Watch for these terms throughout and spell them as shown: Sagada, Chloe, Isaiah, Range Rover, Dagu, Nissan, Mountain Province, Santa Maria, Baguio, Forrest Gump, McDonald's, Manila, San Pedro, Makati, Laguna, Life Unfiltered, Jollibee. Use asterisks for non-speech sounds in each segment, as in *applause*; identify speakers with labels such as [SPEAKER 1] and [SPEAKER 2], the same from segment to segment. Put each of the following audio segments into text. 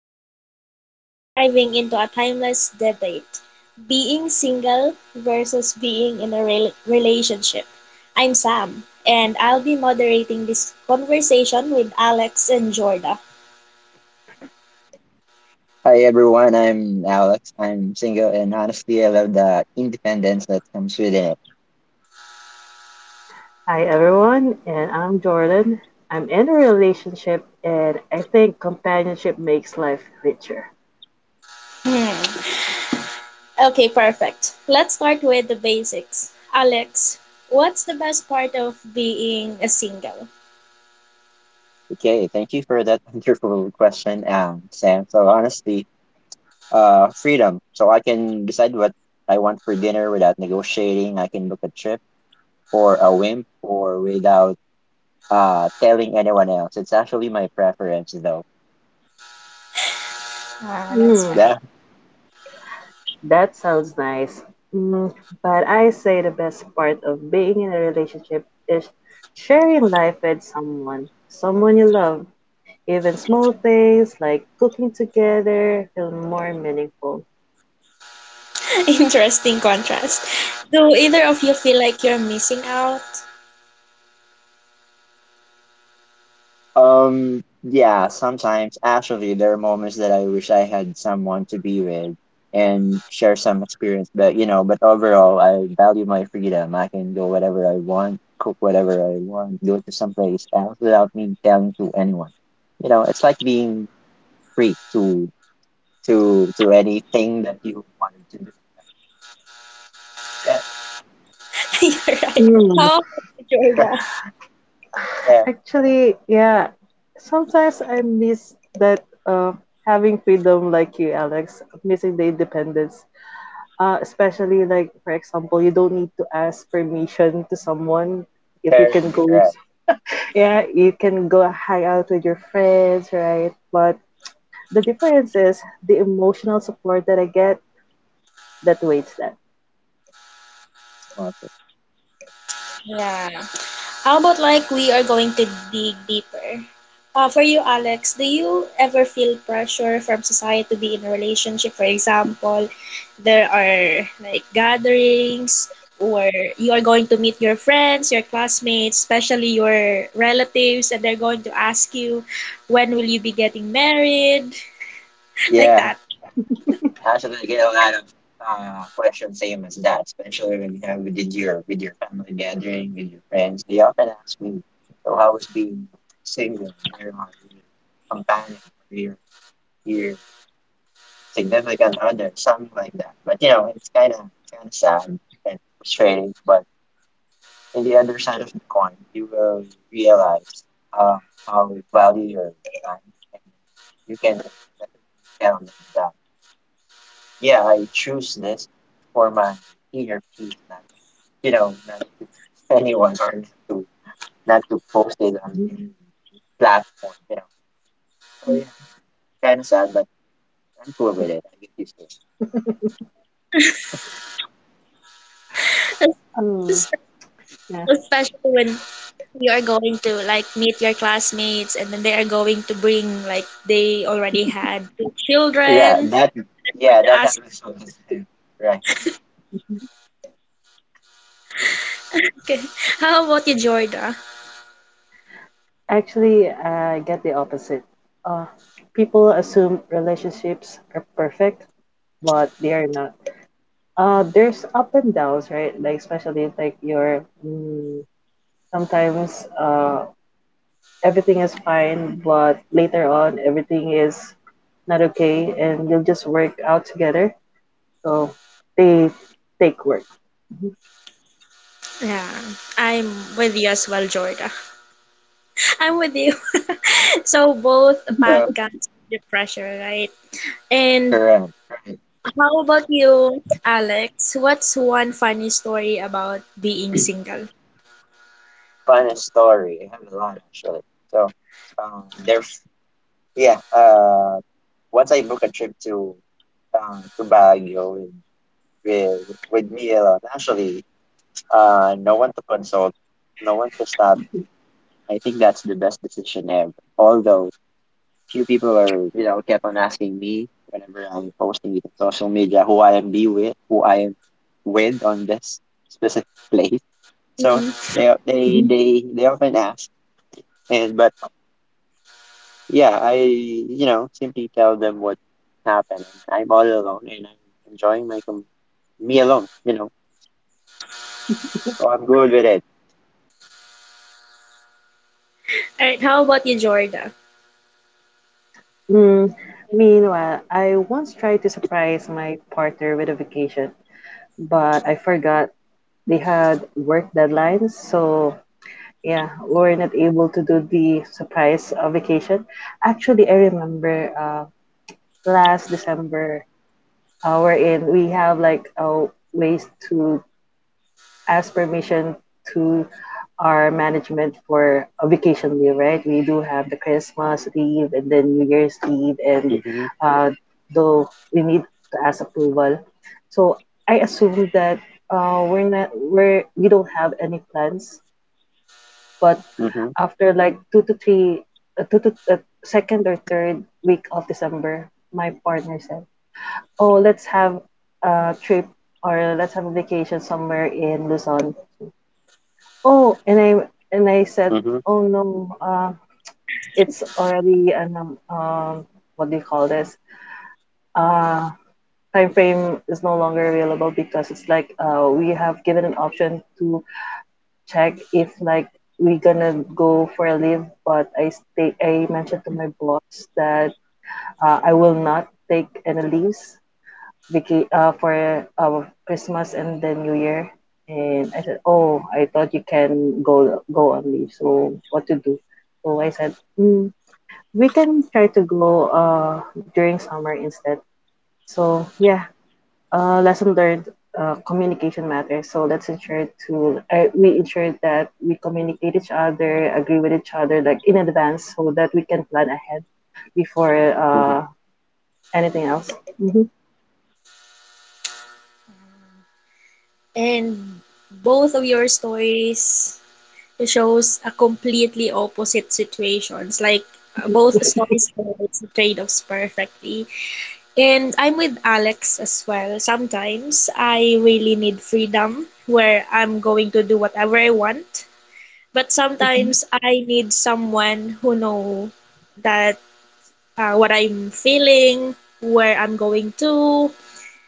[SPEAKER 1] Today, we're driving into a timeless debate being single versus being in a relationship. I'm Sam, and I'll be moderating this conversation with Alex and Jorda.
[SPEAKER 2] Hi everyone, I'm Alex. I'm single and honestly, I love the independence that comes with it.
[SPEAKER 3] Hi everyone, and I'm Jordan. I'm in a relationship, and I think companionship makes life richer.
[SPEAKER 1] Hmm. Okay, perfect. Let's start with the basics. Alex, what's the best part of being a single?
[SPEAKER 2] Okay, thank you for that *laughs* wonderful question, Sam. So honestly, freedom. So I can decide what I want for dinner without negotiating. I can book a trip or a whim or without telling anyone else. It's actually my preference though.
[SPEAKER 1] Ah, that's
[SPEAKER 3] Hmm,
[SPEAKER 1] right.
[SPEAKER 2] Yeah.
[SPEAKER 3] that sounds nice. Mm, but I say the best part of being in a relationship is sharing life with someone, someone you love. Even small things like cooking together feel more meaningful.
[SPEAKER 1] *laughs* Interesting contrast. Do either of you feel like you're missing out?
[SPEAKER 2] Yeah, sometimes actually there are moments that I wish I had someone to be with and share some experience, but you know, but overall I value my freedom. I can go whatever I want, cook whatever I want, go to someplace else without me telling to anyone. You know, it's like being free to anything that you wanted to do. Yeah,
[SPEAKER 1] *laughs* You're right.
[SPEAKER 3] Mm.
[SPEAKER 1] How about Jordan?
[SPEAKER 2] *laughs* yeah,
[SPEAKER 3] Actually, yeah, sometimes I miss that, having freedom like you, Alex, missing the independence. Especially like for example, you don't need to ask permission to someone if you can
[SPEAKER 2] correct,
[SPEAKER 3] go.
[SPEAKER 2] correct.
[SPEAKER 3] Yeah, you can go hang out with your friends, right? But the difference is the emotional support that I get that waits that.
[SPEAKER 2] Okay.
[SPEAKER 1] Yeah. How about like we are going to dig deeper? For you, Alex, do you ever feel pressure from society to be in a relationship? For example, there are like gatherings, or you are going to meet your friends, your classmates, especially your relatives, and they're going to ask you, when will you be getting married? *laughs* Like
[SPEAKER 2] Yeah.
[SPEAKER 1] that.
[SPEAKER 2] Actually, get a lot of questions same as that, especially when you have with your family gathering with your friends. They often ask me, "So how was being single? Where are your companion? Where your significant other? Something like that." But you know, it's kind of sad and frustrating. But in the other side of the coin, you will realize uh, how you value your time, and you can definitely tell them that. Yeah, I choose this for my inner peace, not you know, not to *laughs* anyone or not to post it on any platform, you know. So yeah, kind of sad, but I'm cool with it. I get used to it.
[SPEAKER 1] *laughs*
[SPEAKER 3] Oh, yeah,
[SPEAKER 1] Especially when you are going to like meet your classmates and then they are going to bring like they already had two
[SPEAKER 2] Yeah,
[SPEAKER 1] children.
[SPEAKER 2] that
[SPEAKER 1] I'm going
[SPEAKER 2] yeah,
[SPEAKER 1] to
[SPEAKER 2] that
[SPEAKER 1] ask.
[SPEAKER 2] happens all the time, right? Yeah,
[SPEAKER 1] Okay, *laughs* how about you, Jorda?
[SPEAKER 3] actually, I get the opposite. Uh, People assume relationships are perfect, but they are not. There's up and downs, right? Like especially if, like you're sometimes everything is fine, but later on everything is not okay, and you'll just work out together. So they take work.
[SPEAKER 1] Yeah, I'm with you as well, Jorda. *laughs* I'm with you. *laughs* So both path
[SPEAKER 2] so
[SPEAKER 1] comes with the pressure, right? And
[SPEAKER 2] correct, right.
[SPEAKER 1] how about you, Alex? What's one funny story about being single?
[SPEAKER 2] Fun story. I have a lot actually. So there's yeah. Once I book a trip to Baguio with me alone. Actually, no one to consult, no one to stop. I think that's the best decision ever. Although few people are, you know, kept on asking me whenever I'm posting it on social media who I am be with, who I am with on this specific *laughs* place. So
[SPEAKER 1] Mm.
[SPEAKER 2] they they
[SPEAKER 3] Mhm.
[SPEAKER 2] they they often ask, and but yeah, I you know simply tell them what happened. And I'm all alone, and I'm enjoying my com me alone. You know, so I'm good with it.
[SPEAKER 1] All right, how about you, Jorda?
[SPEAKER 3] Mm, meanwhile, I once tried to surprise my partner with a vacation, but I forgot they had work deadlines, so yeah, we're not able to do the surprise vacation. Actually, I remember last December, wherein we have like ways to ask permission to our management for a vacation leave, right? We do have the Christmas leave and then New Year's leave, and
[SPEAKER 2] Mm-hmm.
[SPEAKER 3] uh, though we need to ask approval. So I assume that we're not we're we don't have any plans, but after like two to three, two to second or third week of December, my partner said, "Oh, let's have a trip or let's have a vacation somewhere in Luzon." Oh, and I said,
[SPEAKER 2] Mm-hmm.
[SPEAKER 3] "Oh no, it's already an what do you call this? Uh, Time frame is no longer available because it's like we have given an option to check if like we gonna go for a leave, but I stay. I mentioned to my boss that I will not take any leaves for Christmas and then New Year. And I said, "Oh, I thought you can go on leave. So what to do?" So I said, "We can try to go during summer instead." So yeah, lesson learned. Communication matters. So let's ensure to we ensure that we communicate each other, agree with each other like in advance, so that we can plan ahead before
[SPEAKER 2] Hmm.
[SPEAKER 3] anything else. Mhm.
[SPEAKER 1] And both of your stories shows a completely opposite situations. Like both stories highlights the trade-offs perfectly. And I'm with Alex as well. Sometimes I really need freedom where I'm going to do whatever I want. But sometimes I need someone who know that what I'm feeling, where I'm going to,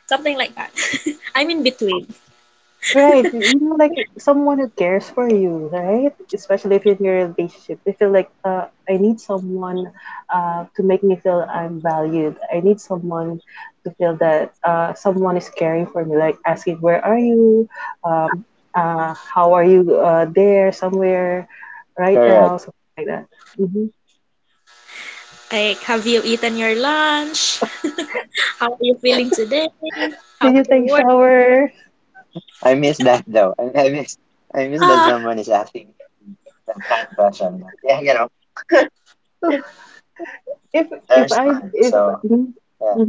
[SPEAKER 1] something like that. *laughs* I'm in between.
[SPEAKER 3] Right, like someone who cares for you, right? Especially if you're in your relationship, they feel like I need someone to make me feel I'm valued. I need someone to feel that someone is caring for me, like asking, "Where are you? Um, how are you? There, somewhere, right
[SPEAKER 2] Correct.
[SPEAKER 3] now, something like that." Hmm.
[SPEAKER 1] Like, have you eaten your lunch? How are you feeling today?
[SPEAKER 3] Did
[SPEAKER 1] How's
[SPEAKER 3] you
[SPEAKER 1] your
[SPEAKER 3] take
[SPEAKER 1] work?
[SPEAKER 3] shower?
[SPEAKER 2] I miss that though. *laughs* I miss that
[SPEAKER 1] Ah,
[SPEAKER 2] someone is asking me that kind of question. Yeah, you know,
[SPEAKER 3] *laughs* If if
[SPEAKER 2] there's
[SPEAKER 3] I
[SPEAKER 2] none.
[SPEAKER 3] if.
[SPEAKER 2] So
[SPEAKER 3] Mhm.
[SPEAKER 2] yeah.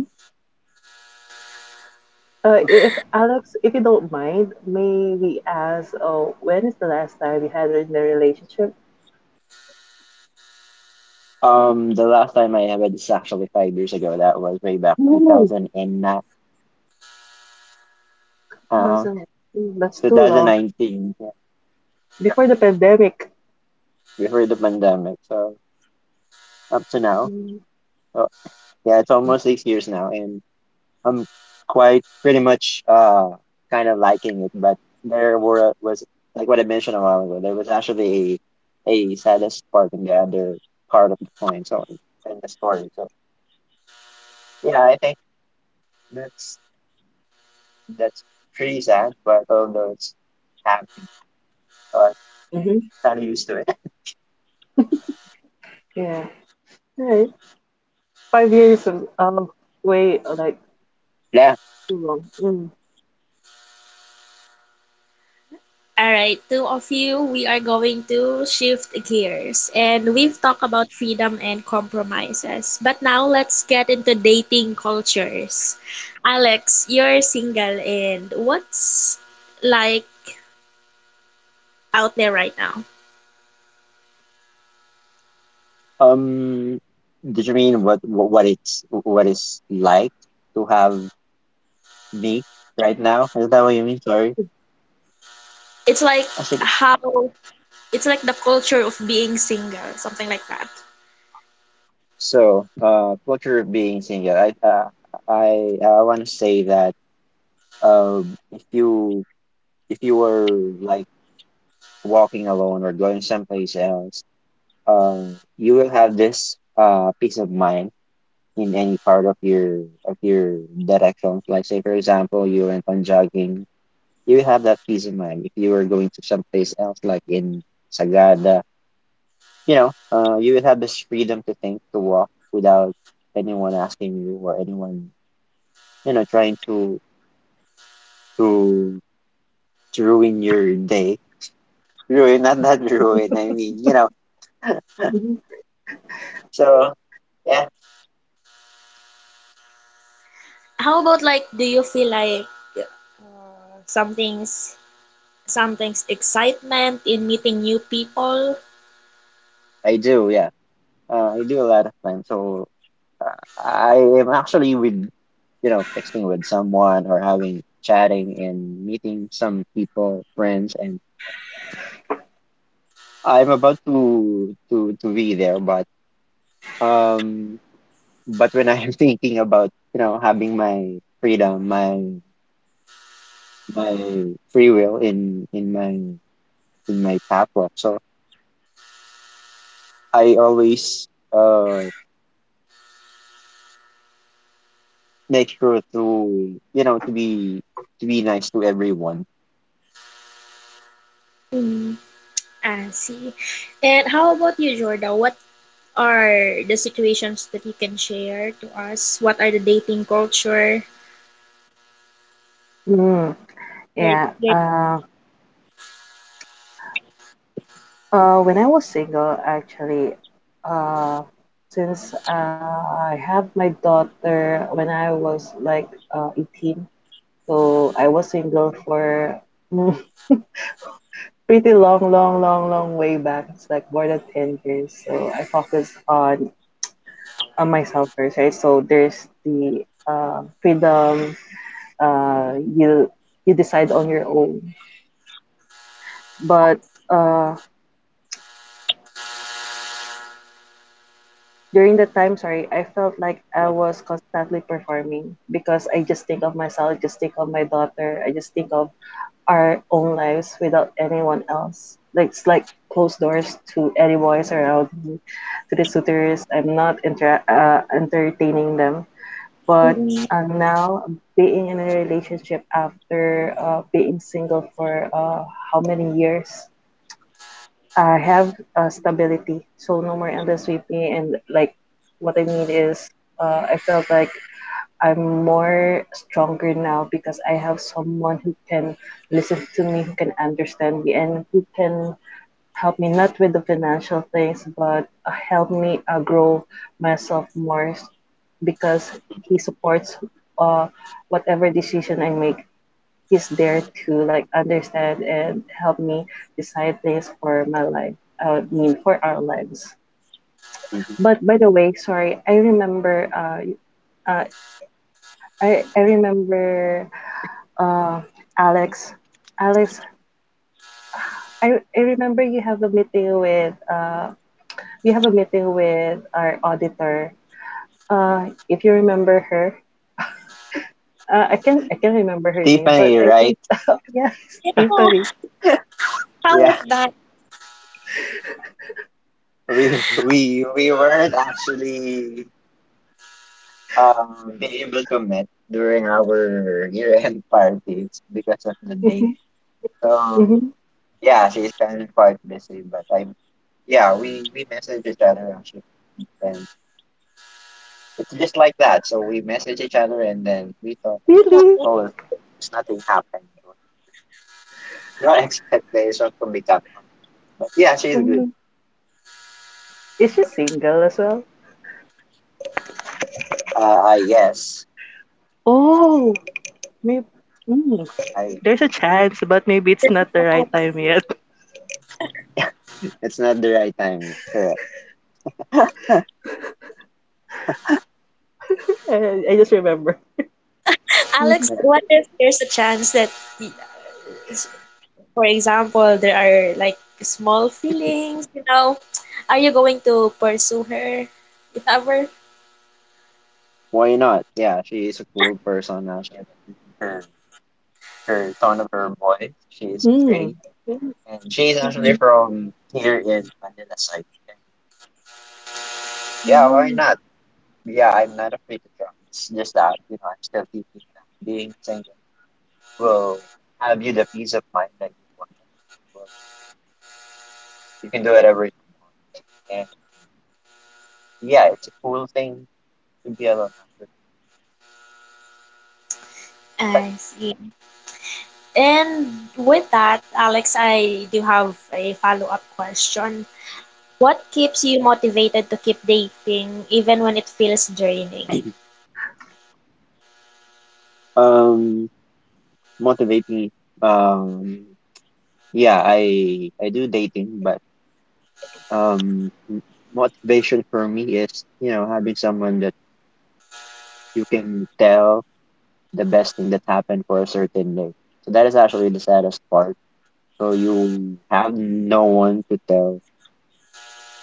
[SPEAKER 3] If Alex, if you don't mind, may we ask, oh, when is the last time you had in a relationship?
[SPEAKER 2] The last time I ever this is actually 5 years ago. That was way back
[SPEAKER 3] No,
[SPEAKER 2] 2009, uh,
[SPEAKER 3] thousand. That's too long.
[SPEAKER 2] 2019, yeah,
[SPEAKER 3] Before the pandemic.
[SPEAKER 2] before the pandemic. So up to now.
[SPEAKER 3] Mm-hmm.
[SPEAKER 2] So yeah, it's almost 6 years now, and. I'm quite pretty much kind of liking it, but there were was like what I mentioned a while ago, there was actually a saddest part in the other part of the coin, so in the story. So yeah, I think that's that's pretty sad, but although it's happy, so I'm kind of used to it. *laughs*
[SPEAKER 3] Yeah. Right. 5 years of way, like
[SPEAKER 2] Yeah.
[SPEAKER 3] too long. Mm-hmm.
[SPEAKER 1] all right, two of you, we are going to shift gears. And we've talked about freedom and compromises. But now let's get into dating cultures. Alex, you're single and what's like out there right now?
[SPEAKER 2] Um, did you mean what it's like to have me right now? Is that what you mean? Sorry.
[SPEAKER 1] It's like how it's like the culture of being single, something like that.
[SPEAKER 2] So, culture of being single. I want to say that, if you were like walking alone or going someplace else, uh, you will have this peace of mind in any part of your direction. Like say, for example, you went on jogging, you will have that peace of mind. If you were going to someplace else, like in Sagada, you know, you will have this freedom to think, to walk without anyone asking you or anyone you know, trying to to ruin your day. *laughs* Ruin, not not ruin. I mean, you know.
[SPEAKER 3] Mm. Mhm.
[SPEAKER 2] So yeah,
[SPEAKER 1] How about like do you feel like some things sometimes excitement in meeting new people.
[SPEAKER 2] I do. Yeah, I do a lot of time. So I am actually with, you know, texting with someone or having chatting and meeting some people, friends, and I'm about to be there, um, but when I'm *laughs* thinking about, you know, having my freedom, my free will in in my papa. So I always uh make sure to you know to be nice to everyone.
[SPEAKER 1] Mm, I see. And how about you, Jordan? What are the situations that you can share to us? What are the dating culture?
[SPEAKER 3] Mm.
[SPEAKER 1] Where it's,
[SPEAKER 3] Yeah.
[SPEAKER 1] where it's,
[SPEAKER 3] When I was single, actually, uh, since I had my daughter when I was like 18, so I was single for mm, *laughs* pretty long, long, long, long way back. It's like more than 10 years. So I focused on myself first, right? So there's the freedom. Uh, you you decide on your own. But uh, During the time, sorry, I felt like I was constantly performing because I just think of myself, just think of my daughter, I just think of our own lives without anyone else. Like it's like closed doors to any voice around me, to the suitors. I'm not entertaining them, but
[SPEAKER 1] mm,
[SPEAKER 3] now being in a relationship after being single for how many years I have stability, so no more endless weeping. And like, what I mean is, I felt like I'm more stronger now because I have someone who can listen to me, who can understand me, and who can help me not with the financial things, but help me grow myself more because he supports uh, whatever decision I make, he's there to like understand and help me decide things for my life. I mean, for our lives.
[SPEAKER 2] Mhm.
[SPEAKER 3] But by the way, sorry, I remember. Uh, I remember. Uh, Alex, Alex, I remember you have a meeting with. We have a meeting with our auditor. If you remember her, I can remember her name, but
[SPEAKER 2] Tiffany,
[SPEAKER 3] I think
[SPEAKER 2] right?
[SPEAKER 3] *laughs* yes, Tiffany.
[SPEAKER 1] yeah,
[SPEAKER 2] *laughs*
[SPEAKER 1] how
[SPEAKER 2] Yeah,
[SPEAKER 1] was that?
[SPEAKER 2] we weren't actually be able to meet during our year-end *laughs* parties because of the date.
[SPEAKER 3] *laughs*
[SPEAKER 2] So
[SPEAKER 3] Hmm.
[SPEAKER 2] yeah, she's kind of quite busy, but I yeah we message each other actually. It's just like that. So we message each other and then we talk and
[SPEAKER 1] Yeah,
[SPEAKER 2] she
[SPEAKER 3] Really?
[SPEAKER 2] told us that there's nothing happened. No expectation from the captain. *laughs* But yeah, she's good.
[SPEAKER 3] Hmm. Is she single as well?
[SPEAKER 2] I guess.
[SPEAKER 3] Oh, maybe. mm,
[SPEAKER 2] I
[SPEAKER 3] there's a chance, but maybe it's
[SPEAKER 1] there's
[SPEAKER 3] not the
[SPEAKER 1] a
[SPEAKER 3] right
[SPEAKER 1] chance.
[SPEAKER 3] time yet.
[SPEAKER 2] *laughs* it's not the right time yet. Correct.
[SPEAKER 3] *laughs* I just remember.
[SPEAKER 1] Alex,
[SPEAKER 3] Mhm.
[SPEAKER 2] Yeah.
[SPEAKER 1] what if there's a chance that, y- for example, there are like small feelings, you know? Are you going to pursue her if ever?
[SPEAKER 2] Why not? Yeah, she is a cool person now. She, her Her tone of her voice, she's pretty.
[SPEAKER 3] Mm.
[SPEAKER 2] And she's actually
[SPEAKER 1] Mhm.
[SPEAKER 2] from here in Manila side. And yeah, why
[SPEAKER 3] Mhm.
[SPEAKER 2] not? Yeah, I'm not afraid to travel. It's just that, you know, I'm still thinking that being single will have you the peace of mind that you want. Well, you can do whatever you want. And yeah, it's a cool thing to be alone after that.
[SPEAKER 1] I see. And with that, Alex, I do have a follow-up question. What keeps you motivated to keep dating even when it feels draining?
[SPEAKER 2] Um, Motivate me. Um, yeah, I do dating, but um, m- motivation for me is, you know, having someone that you can tell the best thing that happened for a certain day. So that is actually the saddest part. So you have no one to tell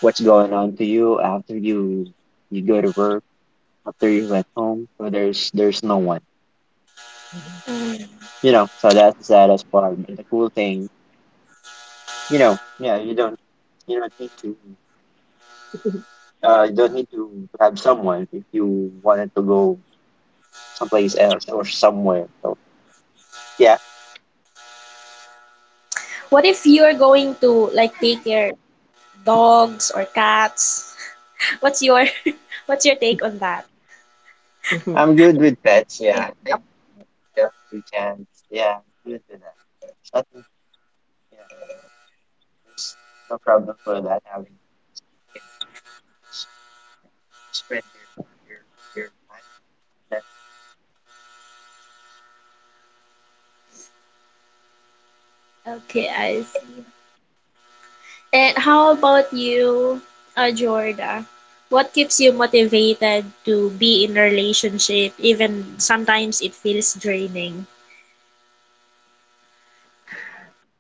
[SPEAKER 2] what's going on to you after you go to work after you went home, so there's no one.
[SPEAKER 1] Mm.
[SPEAKER 2] You know, so that's the saddest part. But the cool thing, you know, yeah, you don't need to you don't need to have someone if you wanted to go someplace else or somewhere. So yeah,
[SPEAKER 1] What if you are going to like take care dogs or cats? *laughs* What's your *laughs* what's your take on that?
[SPEAKER 3] Mhm.
[SPEAKER 2] I'm good with pets. Yeah, I think yeah, we can. Yeah, I'm good with that. So I think yeah, there's no problem for that. Having you can s- spend your your time.
[SPEAKER 1] Okay, I see. And how about you, Jorda? What keeps you motivated to be in a relationship even sometimes it feels draining?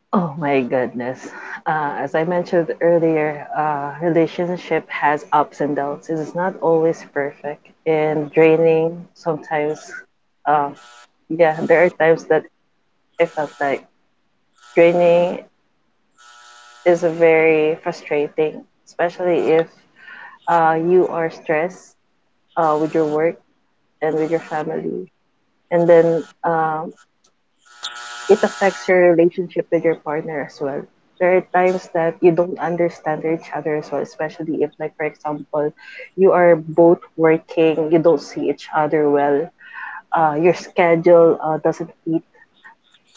[SPEAKER 3] Oh my goodness. As I mentioned earlier, relationship has ups and downs. It is not always perfect and draining. Sometimes, uh, yeah, there are times that I felt like draining is very frustrating, especially if you are stressed with your work and with your family. And then it affects your relationship with your partner as well. There are times that you don't understand each other as well, especially if, like, for example, you are both working, you don't see each other well. Your schedule doesn't fit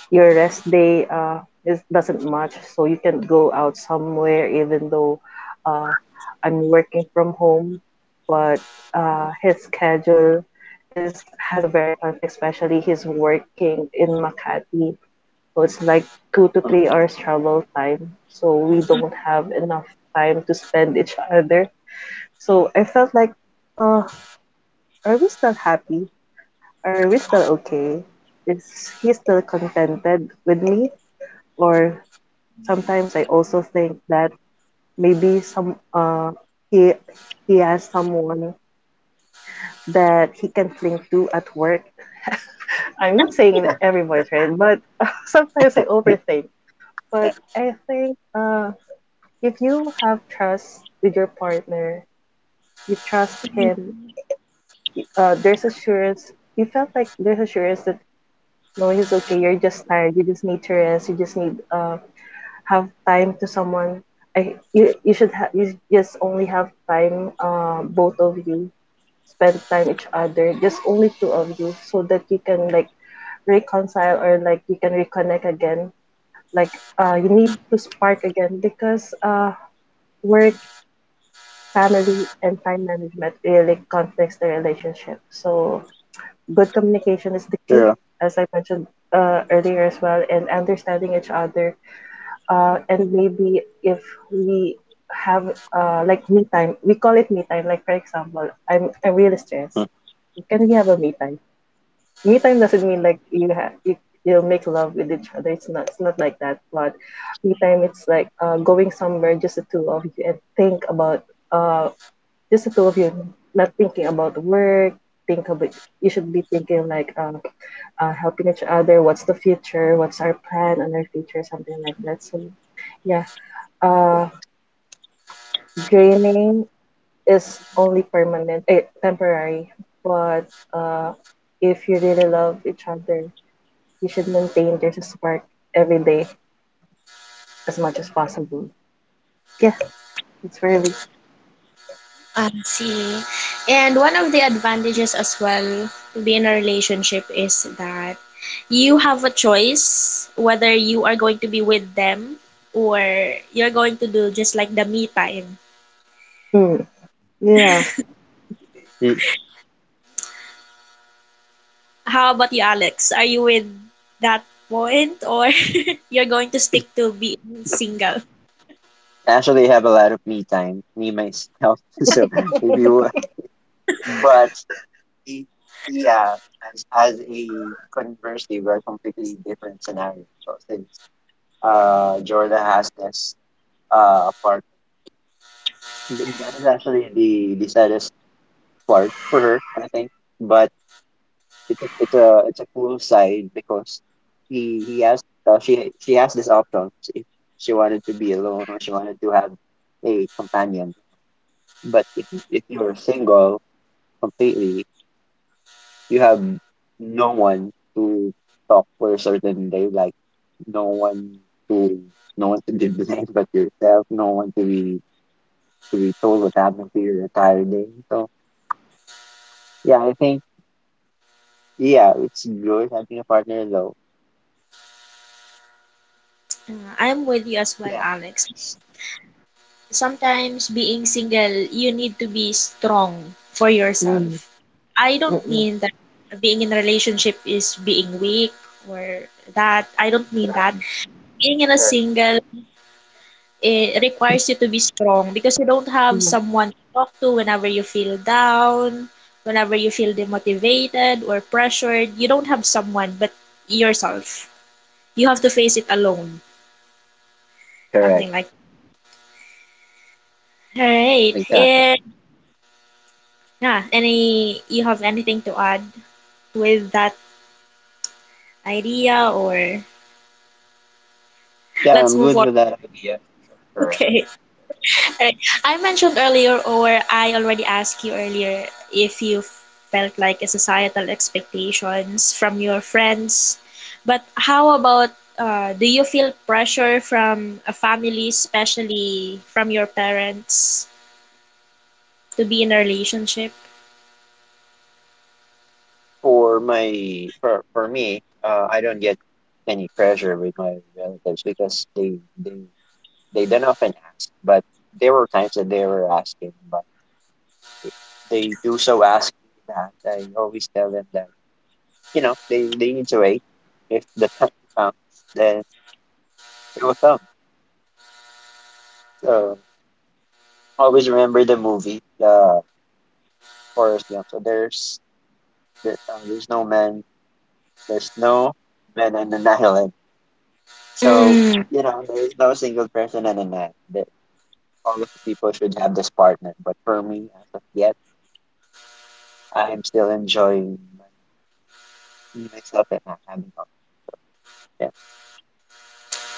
[SPEAKER 3] your rest day, is doesn't match, so you can go out somewhere even though uh, I'm working from home. But his schedule, is has a very conflict, especially he's working in Makati, so it's like two to
[SPEAKER 2] With
[SPEAKER 3] three hours travel time. So we don't have enough time to spend each other. So I felt like, uh, are we still happy? Are we still okay? Is he still contented with me? Or sometimes I also think that maybe some he he has someone that he can cling to at work. I'm not saying that
[SPEAKER 2] them. *laughs*
[SPEAKER 3] everybody's right, but *laughs* sometimes I overthink.
[SPEAKER 2] Yeah,
[SPEAKER 3] But I think if you have trust with your partner, you trust him. There's assurance. You felt like there's assurance that no, he's okay. You're just tired. You just need to rest. You just need have time to someone I you you should have you just only have time, both of you spend time each other, just only two of you, so that you can like reconcile, or like you can reconnect again, like you need to spark again, because work, family, and time management really conflicts the relationship, so good communication is the key,
[SPEAKER 2] true.
[SPEAKER 3] as I mentioned earlier as well, and understanding each other. And maybe if we have, like me time, we call it me time. Like for example, I'm really
[SPEAKER 2] Hmm.
[SPEAKER 3] stressed. Can we have a me time? Me time doesn't mean like you'll make love with each other. It's not like that. But me time, it's like going somewhere just the two of you and think about uh just the two of you, not thinking about work. Think about You should be thinking like helping each other. What's the future? What's our plan on our future? Something like that. So yeah, uh, draining is only permanent, eh, temporary. But if you really love each other, you should maintain there's a spark every day as much as possible. Yeah, it's really.
[SPEAKER 1] I see. And one of the advantages as well to be in a relationship is that you have a choice whether you are going to be with them or you're going to do just like the me time.
[SPEAKER 3] Mm, yeah.
[SPEAKER 1] How about you, Alex? Are you with that point or *laughs* you're going to stick to being single?
[SPEAKER 2] I actually have a lot of me time, me myself. *laughs* So if you, but i- yeah, as a conversely, we're completely different scenario. So since Jordan has this part, that is actually the saddest part for her, I think. But it's a cool side because he has she has this option if she wanted to be alone or she wanted to have a companion. But if you're single completely. You have no one to talk for a certain day, like no one to no one to be blamed but yourself, no one to be told what happened to your entire day. So yeah, I think yeah, it's good having a partner though.
[SPEAKER 1] Uh, I'm with you as well,
[SPEAKER 2] Yeah.
[SPEAKER 1] Alex. Sometimes being single, you need to be strong for
[SPEAKER 3] Mm,
[SPEAKER 1] yourself. I don't
[SPEAKER 3] mm-mm,
[SPEAKER 1] mean that being in a relationship is being weak or that. I don't mean
[SPEAKER 2] Correct,
[SPEAKER 1] that. Being in a
[SPEAKER 2] correct,
[SPEAKER 1] single it requires you to be strong because you don't have
[SPEAKER 3] mm.
[SPEAKER 1] someone to talk to whenever you feel down, whenever you feel demotivated or pressured. You don't have someone but yourself. You have to face it alone.
[SPEAKER 2] correct.
[SPEAKER 1] Something like that. All right.
[SPEAKER 2] Exactly.
[SPEAKER 1] And yeah, any you have anything to add with that idea or
[SPEAKER 2] Yeah,
[SPEAKER 1] let's
[SPEAKER 2] I'm
[SPEAKER 1] move
[SPEAKER 2] good
[SPEAKER 1] on? *laughs*
[SPEAKER 2] with that idea. Correct.
[SPEAKER 1] Okay.
[SPEAKER 2] Yeah.
[SPEAKER 1] Alright. I mentioned earlier or I already asked you earlier if you felt like a societal expectations from your friends. But how about do you feel pressure from a family, especially from your parents, to be in a relationship?
[SPEAKER 2] For my For me, I don't get any pressure with my relatives because they don't often ask, but there were times that they were asking. But if they do so ask me that, I always tell them that, you know, they need to wait. If the time comes, then it will come. So always remember the movie, Forrest Gump. So there's there, uh, there's no man, there's no man on an island. So you know, there is no single person on an island. That all of the people should have this partner. But for me, as of yet. I'm still enjoying. You messed up not having help. Yeah,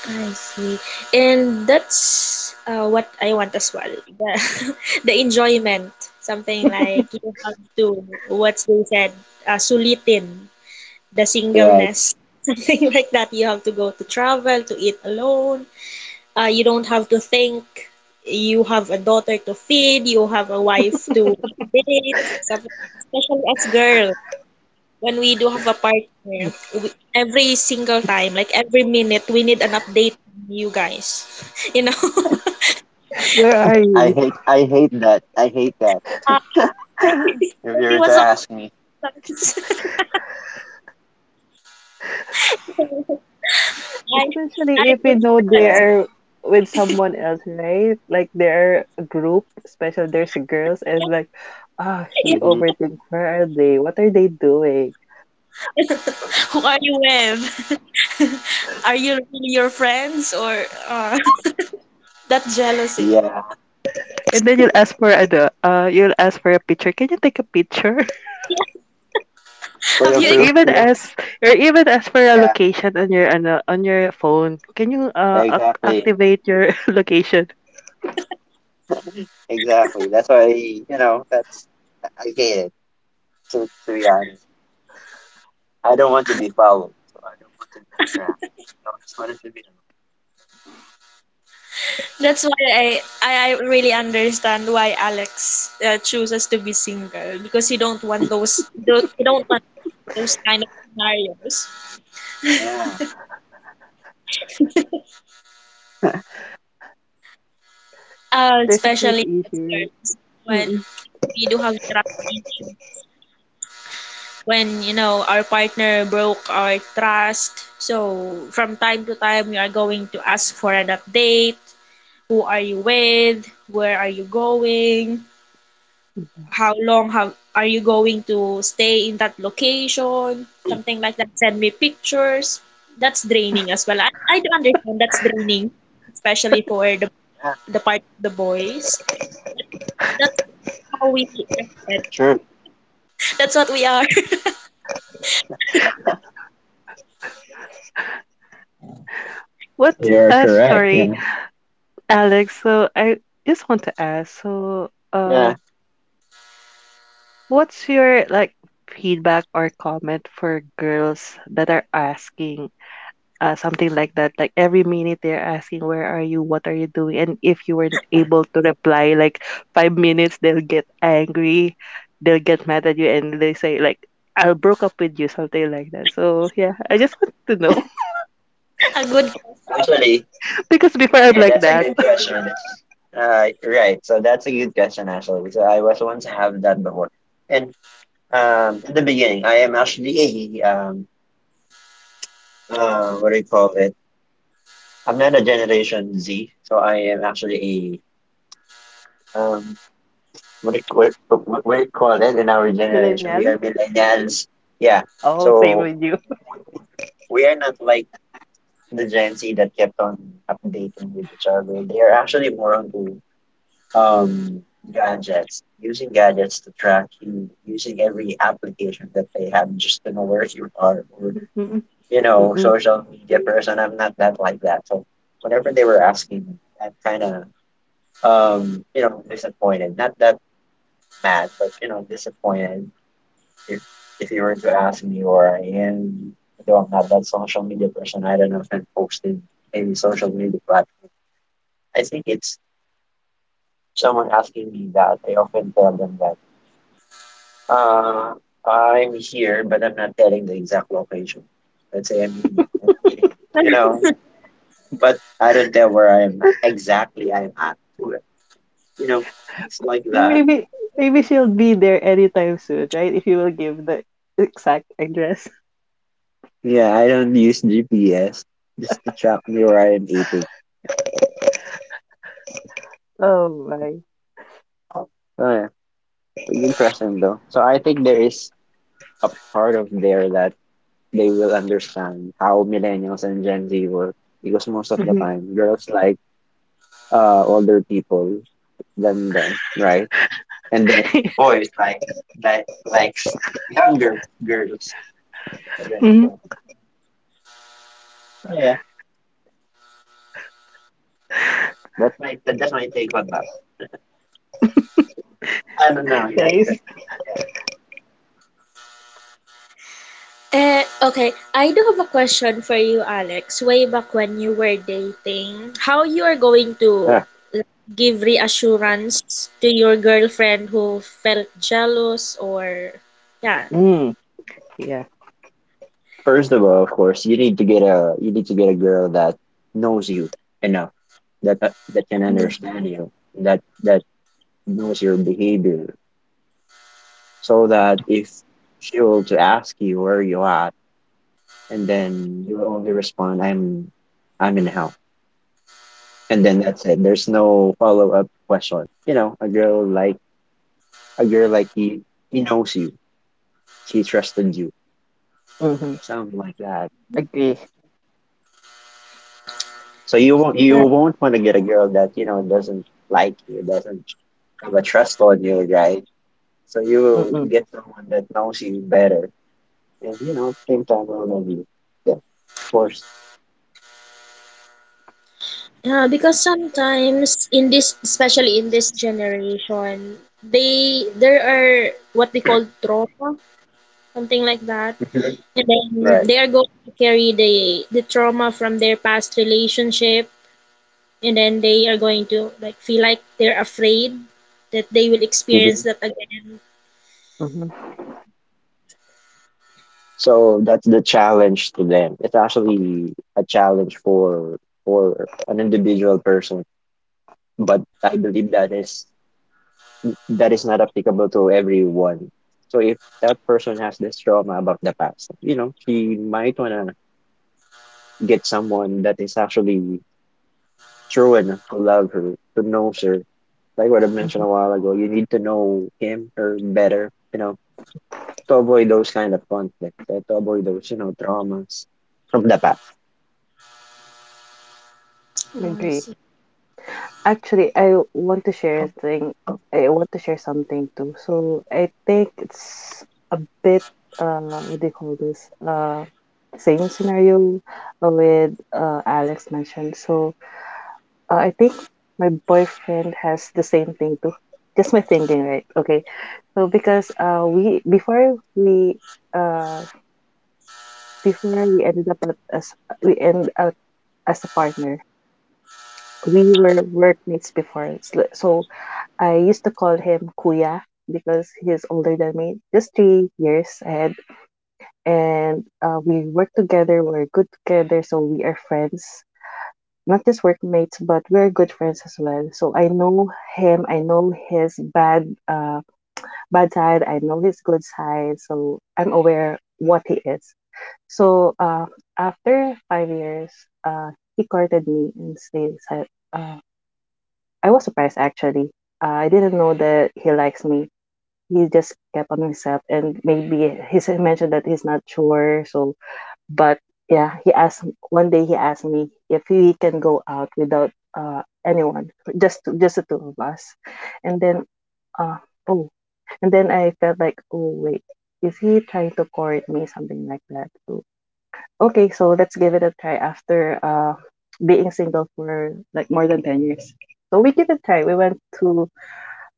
[SPEAKER 1] I see. And that's what I want as well. The, *laughs* the enjoyment. Something like you have to, what they said, sulitin the
[SPEAKER 2] right.
[SPEAKER 1] singleness. *laughs* Something like that. You have to go to travel, to eat alone. You don't have to think. You have a daughter to feed. You have a wife to date. Something, especially as girls when we do have a partner, we, every single time, like every minute, we need an update from you guys. *laughs* You know,
[SPEAKER 3] Where are you?
[SPEAKER 2] I hate that. I hate that.
[SPEAKER 1] uh, *laughs*
[SPEAKER 2] *laughs*
[SPEAKER 1] Maybe
[SPEAKER 2] If you were to
[SPEAKER 1] what's up,
[SPEAKER 2] ask me.
[SPEAKER 1] guys? *laughs* I I
[SPEAKER 3] Especially if you
[SPEAKER 1] would
[SPEAKER 3] know they
[SPEAKER 1] realize,
[SPEAKER 2] Yeah.
[SPEAKER 3] are with someone else, right? Like they're a group, especially there's girls,
[SPEAKER 1] yeah,
[SPEAKER 3] and like, ah, you
[SPEAKER 1] yeah.
[SPEAKER 2] Hmm.
[SPEAKER 3] overthink. Where are they? What are they doing?
[SPEAKER 1] *laughs* Who are you with? *laughs* Are you really your friends or uh, *laughs* that jealousy?
[SPEAKER 2] Yeah.
[SPEAKER 3] And then you'll ask for a picture. Can you take a picture?
[SPEAKER 2] For
[SPEAKER 1] Have
[SPEAKER 3] *laughs*
[SPEAKER 2] your
[SPEAKER 1] you?
[SPEAKER 3] or
[SPEAKER 1] ex-
[SPEAKER 2] proof.
[SPEAKER 3] even
[SPEAKER 2] Yeah.
[SPEAKER 3] ask, or even ask for a
[SPEAKER 2] Yeah.
[SPEAKER 3] location on on your phone. Can you
[SPEAKER 2] Exactly.
[SPEAKER 3] activate your *laughs* location?
[SPEAKER 2] Exactly. That's why, you know, that's I hate it, to be honest. I don't want to be followed. So I don't want to be trapped. So I just wanted to be alone.
[SPEAKER 1] That's why I really understand why Alex chooses to be single because you don't want those, don't you, don't want those kind of scenarios.
[SPEAKER 2] Yeah.
[SPEAKER 3] There's a trust
[SPEAKER 1] Especially
[SPEAKER 3] issue, right?
[SPEAKER 1] concerns when
[SPEAKER 3] Mm-mm.
[SPEAKER 1] we do have trust issue, when you know our partner broke our trust. So from time to time, we are going to ask for an update. Who are you with? Where are you going? How long have are you going to stay in that location? Something like that. Send me pictures. That's draining as well. I do understand that's draining, especially for the
[SPEAKER 2] Yeah.
[SPEAKER 1] the part of the boys. That's how we acted.
[SPEAKER 2] Sure.
[SPEAKER 1] That's what we are. *laughs*
[SPEAKER 3] What?
[SPEAKER 2] You're correct.
[SPEAKER 3] Sorry,
[SPEAKER 2] Yeah.
[SPEAKER 3] Alex. So I just want to ask.
[SPEAKER 2] Yeah.
[SPEAKER 3] What's your like feedback or comment for girls that are asking something like that? Like every minute they're asking, "Where are you? What are you doing?" And if you weren't able to reply, like 5 minutes, they'll get angry, they'll get mad at you, and they say like, "I broke up with you," something like that. So yeah, I just want to know,
[SPEAKER 1] A good person.
[SPEAKER 2] Actually,
[SPEAKER 3] *laughs* because before I'm
[SPEAKER 2] yeah,
[SPEAKER 3] like
[SPEAKER 2] that's a
[SPEAKER 3] that.
[SPEAKER 2] good question. Right. So that's a good question actually. So I was once have that before, and in the beginning, I am actually a what do you call it? I'm not a Generation Z, so I am actually a what do you, what do you call it in our
[SPEAKER 3] *laughs*
[SPEAKER 2] generation? We
[SPEAKER 3] Millennial.
[SPEAKER 2] are millennials. Yeah.
[SPEAKER 3] Oh, same
[SPEAKER 2] So
[SPEAKER 3] with you.
[SPEAKER 2] we are not like the Gen Z that kept on updating with each other. They are actually more on um, gadgets, using gadgets to track you, using every application that they have just to know where you are, or
[SPEAKER 3] *laughs* Mm-mm,
[SPEAKER 2] you know,
[SPEAKER 3] mm-mm.
[SPEAKER 2] social media person. I'm not that like that. So whenever they were asking, me, I'm kind of you know, disappointed. Not that mad, but you know, disappointed if if you were to ask me where I am. Though I'm not that social media person, I don't know if I'm posting any social media platform. I think it's someone asking me that. I often tell them that. Uh, I'm here, but I'm not telling the exact location. Let's say I'm eating. I'm eating, you know, but I don't tell where I'm exactly I'm at. Know, it's like that.
[SPEAKER 3] Maybe maybe she'll be there anytime soon, right? If you will give the exact address. *laughs*
[SPEAKER 2] Yeah, I don't use GPS just to track me where I'm eating.
[SPEAKER 3] Oh my.
[SPEAKER 2] Oh, yeah. Good question, though. So I think there is a part of there that they will understand how millennials and Gen Z work because most of the
[SPEAKER 3] Mhm.
[SPEAKER 2] time, girls like older people than them, right? And then
[SPEAKER 3] *laughs*
[SPEAKER 2] boys likes younger girls. So then
[SPEAKER 3] Mhm.
[SPEAKER 2] so yeah, that's my take on that. I don't know. Yeah,
[SPEAKER 3] Nice.
[SPEAKER 2] yeah.
[SPEAKER 1] Eh, okay. I do have a question for you, Alex. Way back when you were dating, how you are going to
[SPEAKER 2] Yeah.
[SPEAKER 1] like, give reassurance to your girlfriend who felt jealous or yeah.
[SPEAKER 3] Mm, yeah.
[SPEAKER 2] First of all, of course, you need to get a you need to get a girl that knows you enough that can
[SPEAKER 1] Mm.
[SPEAKER 2] understand you that knows your behavior, so that if she will to ask you where you at and then you will only respond I'm in the house. And then that's it. There's no follow up question. A girl like he knows you. She trusted you.
[SPEAKER 3] Mm-hmm.
[SPEAKER 2] Something like that.
[SPEAKER 3] Agree.
[SPEAKER 2] So you won't
[SPEAKER 1] Uh,
[SPEAKER 2] you won't want to get a girl that, doesn't like you, doesn't have a trust on you, right? So you will
[SPEAKER 3] Mm-mm.
[SPEAKER 2] get someone that knows you better and same time will know you. Yeah, of course.
[SPEAKER 1] yeah, because sometimes in this, especially in this generation, they there are what they call trauma, something like that.
[SPEAKER 2] Mhm.
[SPEAKER 1] And then
[SPEAKER 2] Right.
[SPEAKER 1] they are going to carry the trauma from their past relationship and then they are going to like feel like they're afraid that they will experience
[SPEAKER 2] Hmm.
[SPEAKER 1] that again.
[SPEAKER 3] Mm-hmm.
[SPEAKER 2] So that's the challenge to them. It's actually a challenge for an individual person, but I believe that is not applicable to everyone. So if that person has this trauma about the past, she might wanna get someone that is actually true enough to love her, to know her. Like what I mentioned a while ago, you need to know him or better, to avoid those kind of conflicts, to avoid those traumas from the past.
[SPEAKER 1] I
[SPEAKER 3] Agree.
[SPEAKER 1] see.
[SPEAKER 3] Actually, I want to share a thing. I want to share something too. So I think it's a bit, uh what do you call this? Same scenario with Alex mentioned. So I think my boyfriend has the same thing too. Just my thinking, right? Okay. So because we before we uh before we ended up at- as we end up as a partner, we were workmates before. So I used to call him Kuya because he is older than me, just 3 years ahead. And We work together, we're good together, so we are friends, not just workmates, but we're good friends as well. So I know him, I know his bad side, I know his good side, so I'm aware what he is. So after 5 years, uh he courted me and I was surprised actually. I didn't know that he likes me. He just kept on himself and maybe he mentioned that he's not sure, so but yeah, he asked one day he asked me if we can go out without anyone, just the two of us. And then uh oh, and then I felt like, oh wait, is he trying to court me, something like that? So, okay, so let's give it a try after being single for like more than 10 years. So we give it a try. We went to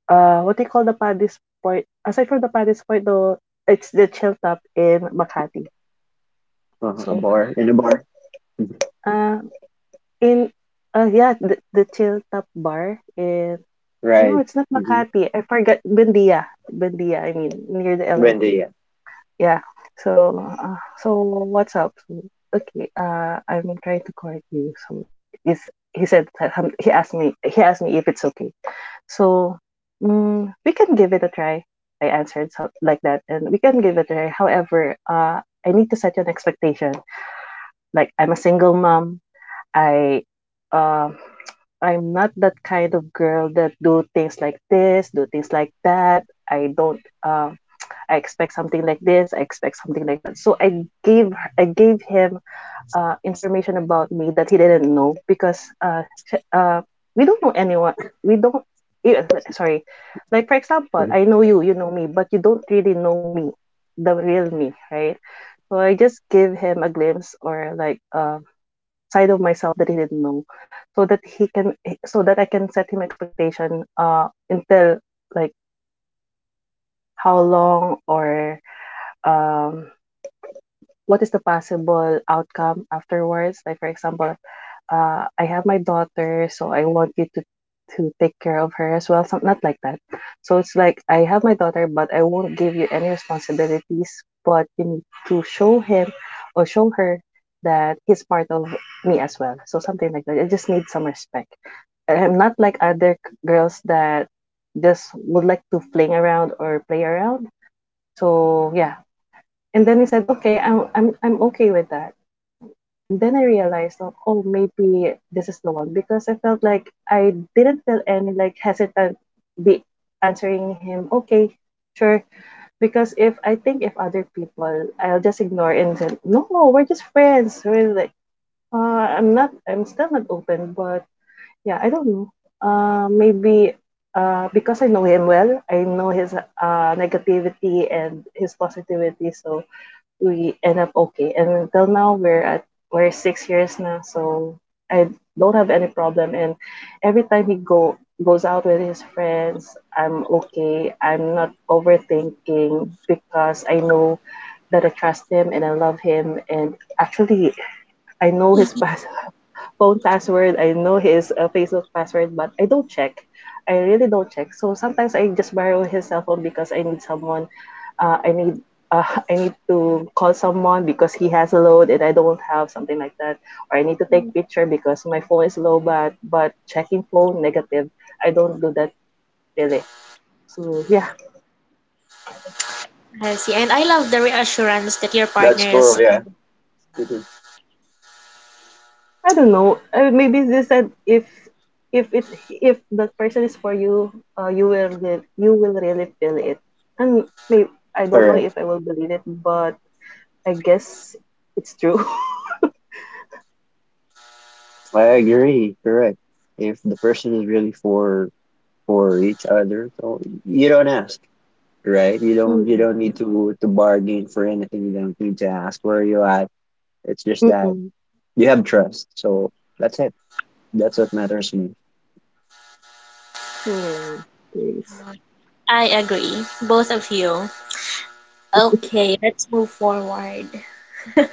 [SPEAKER 3] uh, what do you call, the Paddy's Point? Aside from the Paddy's Point, though, it's the Chill Top in Makati.
[SPEAKER 2] A
[SPEAKER 3] So
[SPEAKER 2] bar, in a bar, Mhm.
[SPEAKER 3] uh. In yeah, the Chill Top Bar in, no,
[SPEAKER 2] Right?
[SPEAKER 3] it's not
[SPEAKER 2] Mm-hmm.
[SPEAKER 3] Makati. I forgot Bendia. Bendia, I mean, near the
[SPEAKER 2] Wendy,
[SPEAKER 3] LRT.
[SPEAKER 2] yeah,
[SPEAKER 3] Yeah. So, so what's up? So, okay, I'm trying to correct you. So, is, he said that, he asked me if it's okay. So, mm, we can give it a try. I answered so like that, and we can give it a try. However, I need to set an expectation. Like, I'm a single mom. I um I'm not that kind of girl that do things like this, do things like that. I don't. I expect something like this. I expect something like that. So I gave him information about me that he didn't know because sh- uh, we don't know anyone. We don't. eh, Sorry, like for example,
[SPEAKER 2] Mhm.
[SPEAKER 3] I know you. You know me, but you don't really know me, the real me, right? So I just give him a glimpse, or like, side of myself that he didn't know so that I can set him expectation until, like, how long or, um what is the possible outcome afterwards. Like for example, I have my daughter, so I want you to take care of her as well. Some, not like that. So it's like I have my daughter, but I won't give you any responsibilities. But you need to show him or show her that he's part of me as well. So something like that. I just need some respect. I'm not like girls that just would like to fling around or play around. So yeah. And then he said, okay, I'm okay with that. And then I realized, oh, oh, maybe this is the one, because I felt like I didn't feel any like hesitant be answering him, okay, sure. Because if I think, if other people, I'll just ignore and say, no, we're just friends. We're like, uh, I'm still not open, but yeah, I don't know. Maybe because I know him well, I know his negativity and his positivity. So we end up okay. And until now, we're 6 years now, so I don't have any problem. And every time he go goes out with his friends, I'm okay. I'm not overthinking because I know that I trust him and I love him. And actually, I know his past *laughs* phone password. I know his Facebook password, but I don't check. I really don't check. So sometimes I just borrow his cell phone because I need someone. I need *laughs* I need to call someone because he has a load and I don't have, something like that. Or I need to take picture because my phone is low. But checking phone, negative. I don't do that really. So yeah,
[SPEAKER 1] I see. And I love the reassurance that your partner
[SPEAKER 2] That's cool,
[SPEAKER 1] is.
[SPEAKER 2] yeah. Mm-hmm.
[SPEAKER 3] I don't know. Maybe they said, if it's if the person is for you, you will really feel it. And maybe I don't know if I will believe it, but I guess it's true. *laughs*
[SPEAKER 2] I agree, correct. If the person is really for each other, so you don't ask, right? You don't you
[SPEAKER 3] Mm.
[SPEAKER 2] don't need to bargain for anything. You don't need to ask where are you at. It's just that
[SPEAKER 3] Mm-mm.
[SPEAKER 2] you have trust. So that's it. That's what matters to me.
[SPEAKER 3] Yeah, please.
[SPEAKER 1] I agree. Both of you. Okay, let's move forward. *laughs*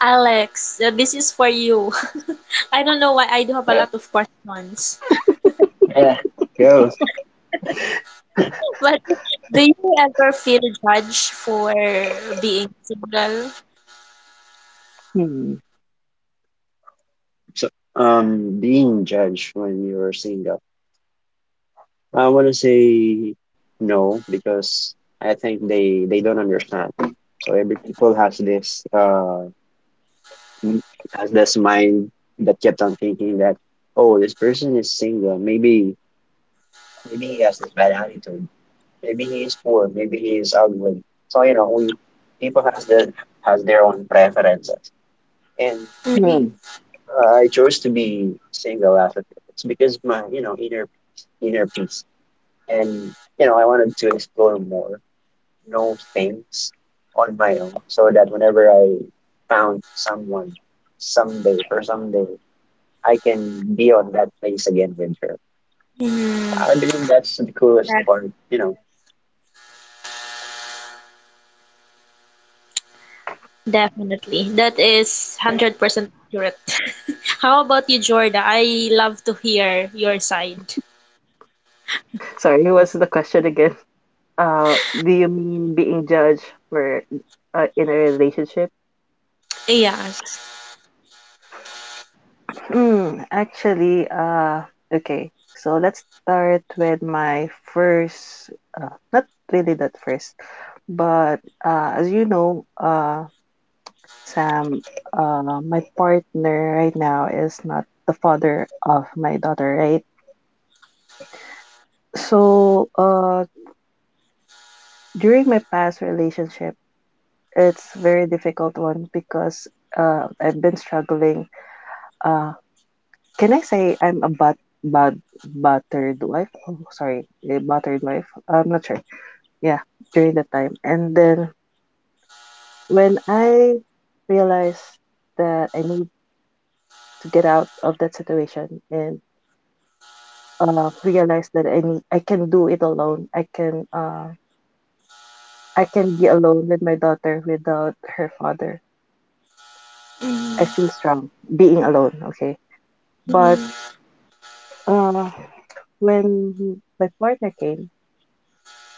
[SPEAKER 1] Alex, this is for you. *laughs* I don't know why I do have a
[SPEAKER 2] Yeah.
[SPEAKER 1] lot of questions.
[SPEAKER 2] Yeah. Yo,
[SPEAKER 1] But do you ever feel judged for being single?
[SPEAKER 3] Hmm.
[SPEAKER 2] so being judged when you're single. I wanna say no because I think they don't understand. So every people has mm, has this mind that kept on thinking that, oh, this person is single. Maybe he has this bad attitude. Maybe he is poor. Maybe he is ugly. So we people has their own preferences. And me,
[SPEAKER 3] Hmm.
[SPEAKER 2] I chose to be single as a it's because my inner peace. And I wanted to explore more, know things on my own, so that whenever I found someone someday for someday. I can be on that place again with her.
[SPEAKER 1] Mm-hmm.
[SPEAKER 2] I believe that's the coolest
[SPEAKER 1] That
[SPEAKER 2] part.
[SPEAKER 1] definitely. That is 100% accurate. *laughs* How about you, Jorda? I love to hear your side.
[SPEAKER 3] Sorry, what's the question again? Do you mean being judged for in a relationship?
[SPEAKER 1] Yes.
[SPEAKER 3] Mm, actually, okay. So let's start with my first, not really that first, but as you know, Sam, my partner right now is not the father of my daughter, right? So, during my past relationship, it's very difficult one because I've been struggling uh. Can I say I'm a but battered wife? Oh, sorry, a battered wife. I'm not sure. Yeah, during that time, and then when I realized that I need to get out of that situation and realized that I can do it alone. I can be alone with my daughter without her father. I
[SPEAKER 1] Mm,
[SPEAKER 3] feel strong being alone. Okay, but
[SPEAKER 1] mm,
[SPEAKER 3] uh when my partner came,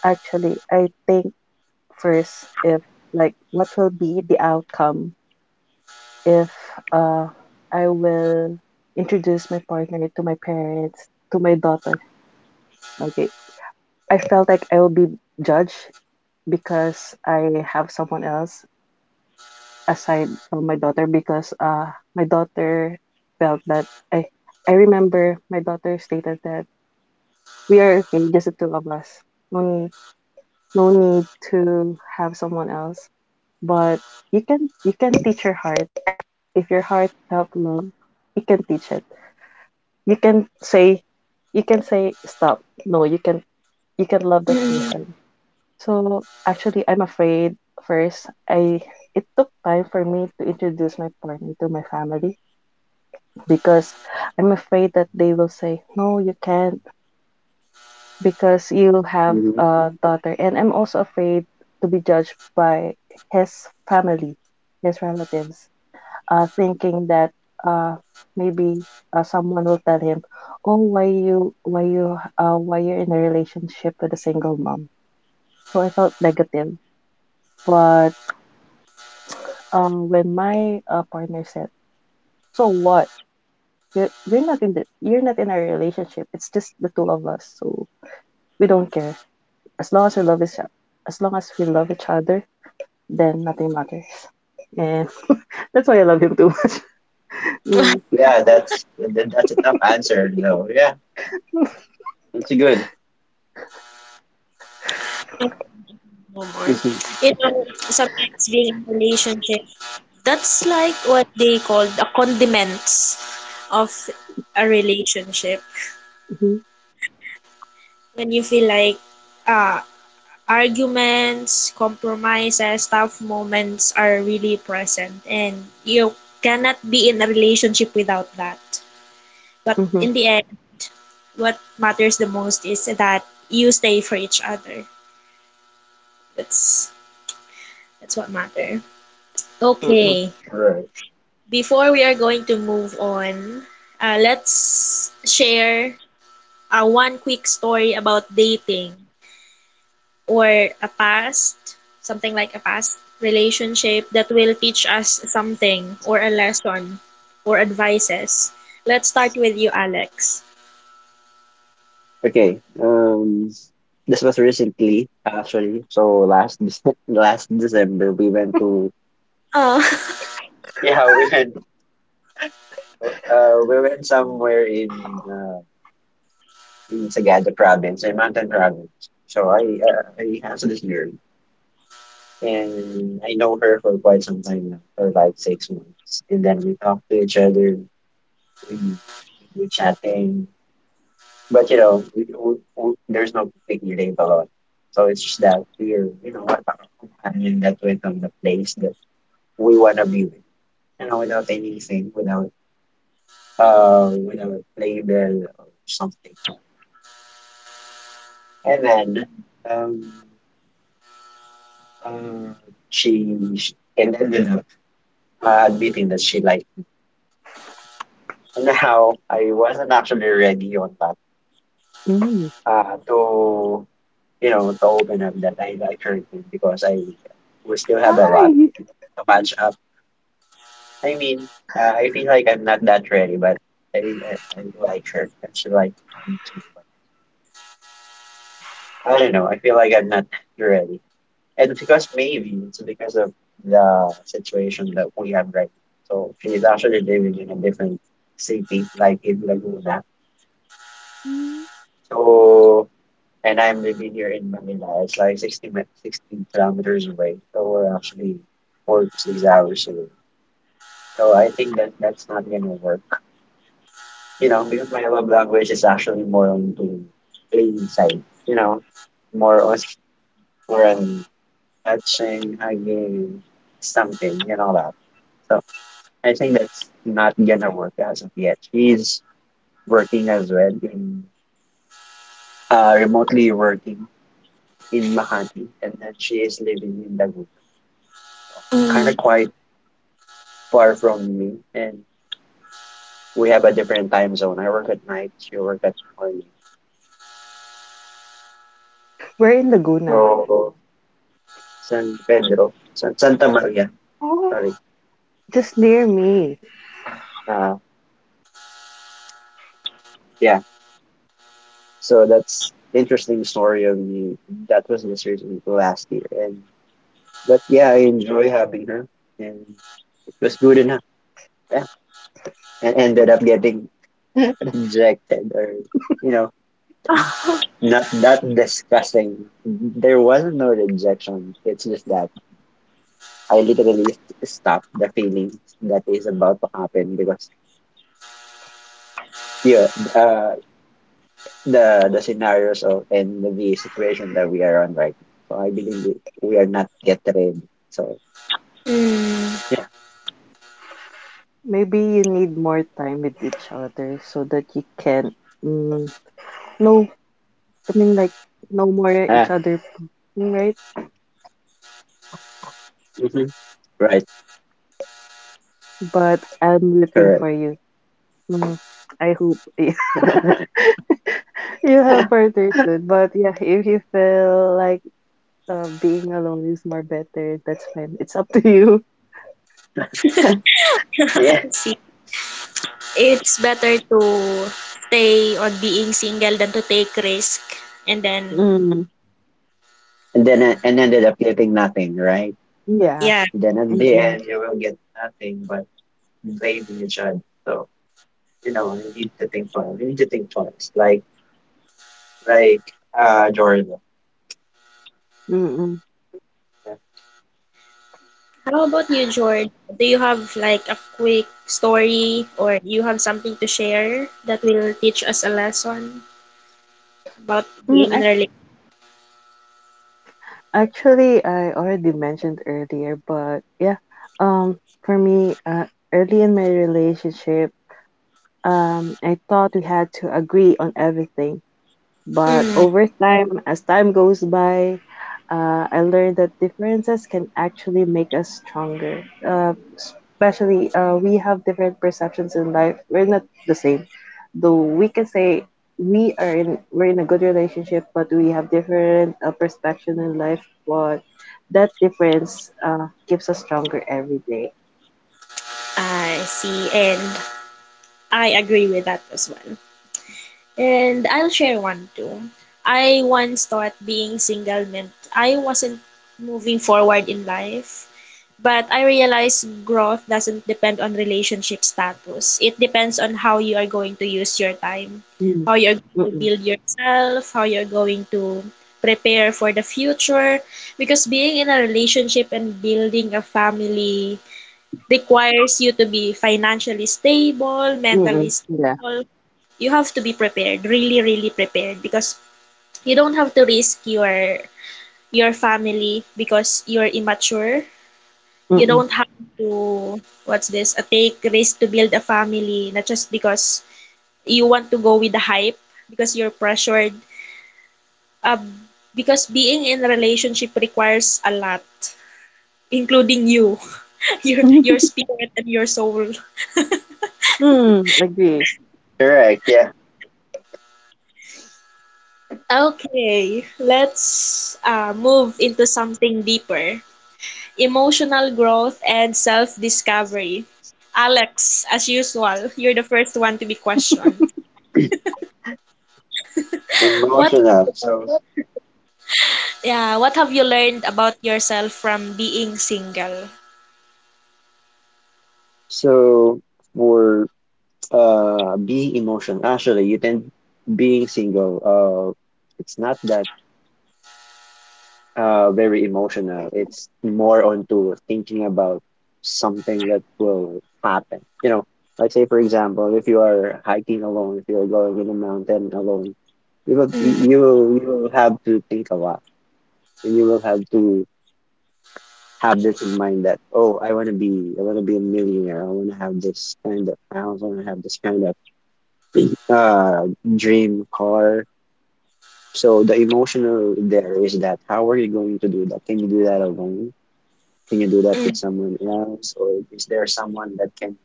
[SPEAKER 3] actually, I think first, if like what will be the outcome if uh I will introduce my partner to my parents, to my daughter. Okay. I felt like I will be judged because I have someone else aside from my daughter because my daughter felt that I I remember my daughter stated that we are okay, just the two of us. No need no need to have someone else. But you can teach her heart. If your heart felt love, you can teach it. You can say, you can say stop. No, you can love
[SPEAKER 1] mm.
[SPEAKER 3] that person. So actually, I'm afraid. First, I it took time for me to introduce my partner to my family because I'm afraid that they will say no, you can't because you have
[SPEAKER 2] Hmm.
[SPEAKER 3] a daughter, and I'm also afraid to be judged by his family, his relatives, thinking that, uh, maybe someone will tell him, "Oh, why you, why you, why you're in a relationship with a single mom?" So I felt negative. But when my partner said, "So what? You're not in the, you're not in a relationship. It's just the two of us. So we don't care. As long as we love each, as long as we love each other, then nothing matters." And *laughs* that's why I love him too much. *laughs* Mm.
[SPEAKER 1] *laughs*
[SPEAKER 2] Yeah, that's a tough answer, though. Yeah, it's a good.
[SPEAKER 1] No more.
[SPEAKER 2] Mhm.
[SPEAKER 1] You know, Sometimes being in a relationship, that's like what they call the condiments of a relationship.
[SPEAKER 3] Mm-hmm.
[SPEAKER 1] When you feel like, ah. arguments, compromises, tough moments are really present and you cannot be in a relationship without that. But
[SPEAKER 3] Mm-hmm.
[SPEAKER 1] in the end, what matters the most is that you stay for each other. That's that's what matter.
[SPEAKER 3] Mm-hmm.
[SPEAKER 1] Okay,
[SPEAKER 2] Right.
[SPEAKER 1] before we are going to move on, let's share one quick story about dating or a past, something like a past relationship that will teach us something or a lesson or advices. Let's start with you, Alex.
[SPEAKER 2] Okay. This was recently, actually. So last *laughs* last December, we went to,
[SPEAKER 1] Oh. *laughs*
[SPEAKER 2] yeah, we went somewhere in Sagada province, in Mountain Province. So I asked this girl. And I know her for quite some time now, for like 6 months. And then we talk to each other, we do chatting, but there's no big label on. So it's just that we're, *laughs* a companion that went on the place that we wanna be with, without anything, without label or something. And then um, uh, she ended up admitting that she liked. Now, I wasn't actually ready on that,
[SPEAKER 3] Mm-hmm.
[SPEAKER 2] uh, to, to open up that I like her name because I we still have a lot
[SPEAKER 3] Why?
[SPEAKER 2] to match up. I mean, I feel like I'm not that ready, but I like her and she like me too. But I don't know. I feel like I'm not ready, and because maybe it's because of the situation that we have right now. So she's actually living in a different city, like in Laguna.
[SPEAKER 3] Hmm.
[SPEAKER 2] So And I'm living here in Manila. It's like 16 kilometers away. So we're actually 4 to 6 hours away. So I think that that's not going to work. Because my love language is actually more on the play side. You know, more on more on touching, hugging, something and all that. So I think that's not gonna work as of yet. She's working as well in remotely working in Makati, and then she is living in Dagu, kind of
[SPEAKER 1] Mm.
[SPEAKER 2] quite far from me, and we have a different time zone. I work at night, she work at morning.
[SPEAKER 3] We're in Laguna.
[SPEAKER 2] So San Pedro, Santa Maria. Sorry.
[SPEAKER 3] Oh, just near me.
[SPEAKER 2] Uh, yeah. So that's interesting story of me. That was the surgery last year, and but yeah, I enjoy having her, and it was good enough. Yeah, and ended up getting *laughs* rejected, or you know
[SPEAKER 1] *laughs*
[SPEAKER 2] not discussing. There wasn't no rejection. It's just that. I literally stop the feelings that is about to happen because yeah, uh, the scenarios of and the situation that we are on right now. So I believe we are not yet ready. So
[SPEAKER 1] Mm.
[SPEAKER 2] yeah,
[SPEAKER 3] Maybe you need more time with each other so that you can, mm, no, I mean like, no more
[SPEAKER 2] ah,
[SPEAKER 3] each other, right?
[SPEAKER 2] mhm, right,
[SPEAKER 3] But I'm rooting
[SPEAKER 2] correct.
[SPEAKER 3] for you. Mm, I hope *laughs* you
[SPEAKER 2] *laughs*
[SPEAKER 3] have partners soon. But yeah, if you feel like being alone is more better, that's fine. It's up to you.
[SPEAKER 1] *laughs*
[SPEAKER 2] Yeah,
[SPEAKER 1] See, it's better to stay on being single than to take risk and then
[SPEAKER 3] Mm,
[SPEAKER 2] and then
[SPEAKER 1] uh,
[SPEAKER 2] it- and ended up getting nothing, right?
[SPEAKER 3] yeah.
[SPEAKER 1] yeah.
[SPEAKER 2] Then at the
[SPEAKER 3] Mm-mm.
[SPEAKER 2] end you will get nothing but blaming each other. So you need to think twice. You need to think twice, like like Jordan.
[SPEAKER 3] Mm-mm.
[SPEAKER 2] Yeah.
[SPEAKER 1] How about you, George? Do you have like a quick story or you have something to share that will teach us a lesson about
[SPEAKER 3] Mm.
[SPEAKER 1] being in a relationship?
[SPEAKER 3] Actually, I already mentioned earlier, but yeah, for me, early in my relationship, I thought we had to agree on everything. But
[SPEAKER 1] Mm,
[SPEAKER 3] over time, as time goes by, I learned that differences can actually make us stronger. Especially, we have different perceptions in life. We're not the same, though. We can say we're in a good relationship, but we have different perspective in life. But that difference keeps us stronger every day.
[SPEAKER 1] I see. And I agree with that as well. And I'll share one too. I once thought being single meant I wasn't moving forward in life, but I realized growth doesn't depend on relationship status. It depends on how you are going to use your time,
[SPEAKER 3] Mm.
[SPEAKER 1] how you're going to
[SPEAKER 3] Mm-mm.
[SPEAKER 1] build yourself, how you're going to prepare for the future. Because being in a relationship and building a family requires you to be financially stable, mentally
[SPEAKER 3] Mm-mm. Yeah.
[SPEAKER 1] stable. You have to be prepared, really, really prepared because you don't have to risk your family because you're immature. You
[SPEAKER 3] Mm-mm.
[SPEAKER 1] don't have to what's this? A take risk to build a family, not just because you want to go with the hype because you're pressured. Uh, because being in a relationship requires a lot, including you, *laughs* your
[SPEAKER 3] *laughs*
[SPEAKER 1] spirit and your soul.
[SPEAKER 3] Mm. Agree.
[SPEAKER 2] Correct. Yeah.
[SPEAKER 1] Okay, let's move into something deeper, emotional growth and self discovery. Alex, as usual, you're the first one to be questioned. What,
[SPEAKER 2] Emotional. So,
[SPEAKER 1] yeah, what have you learned about yourself from being single?
[SPEAKER 2] so for being emotional, actually, you tend being single. It's not that very emotional. It's more onto thinking about something that will happen. Let's say for example, if you are hiking alone, if you're going in a mountain alone, you will
[SPEAKER 1] Mm,
[SPEAKER 2] you will you will have to think a lot, and you will have to have this in mind that, oh, I want to be a millionaire, I want to have this kind of house, I want to have this kind of uh dream car. So the emotional there is that, how are you going to do that? Can you do that alone? Can you do that with
[SPEAKER 1] mm,
[SPEAKER 2] someone else, or is there someone that can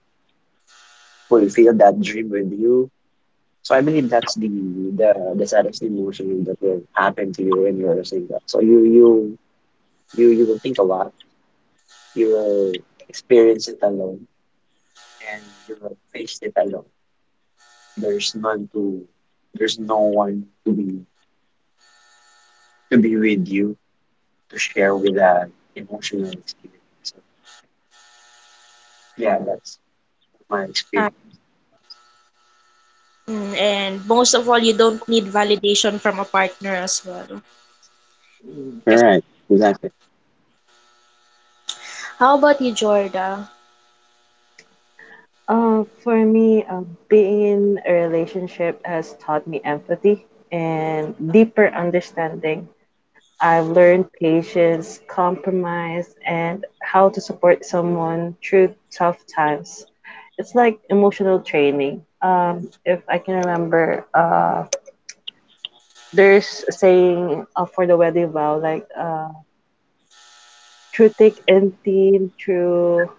[SPEAKER 2] fulfill that dream with you? So I believe that's the saddest emotion that will happen to you when you're saying that. So you will think a lot, you will experience it alone, and face it alone. There's none to there's no one to be with you to share with that emotional experience. So yeah, that's my
[SPEAKER 1] uh,
[SPEAKER 2] experience.
[SPEAKER 1] and most of all, you don't need validation from a partner as well.
[SPEAKER 2] All
[SPEAKER 1] Because
[SPEAKER 2] right, exactly.
[SPEAKER 1] how about you, Jorda?
[SPEAKER 3] For me, being in a relationship has taught me empathy and deeper understanding. I've learned patience, compromise, and how to support someone through tough times. It's like emotional training. If I can remember, there's a saying for the wedding vow, like, through thick and thin, through.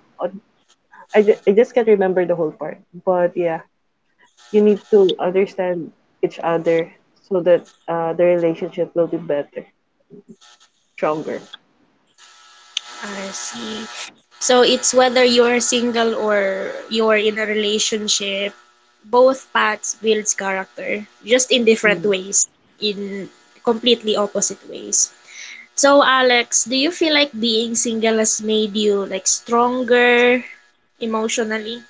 [SPEAKER 3] I just can't remember the whole part, but yeah, you need to understand each other so that the relationship will be better, stronger.
[SPEAKER 1] I see. So it's whether you're single or you're in a relationship, both paths builds character, just in different
[SPEAKER 3] Mm.
[SPEAKER 1] ways, in completely opposite ways. So Alex, do you feel like being single has made you like stronger emotionally?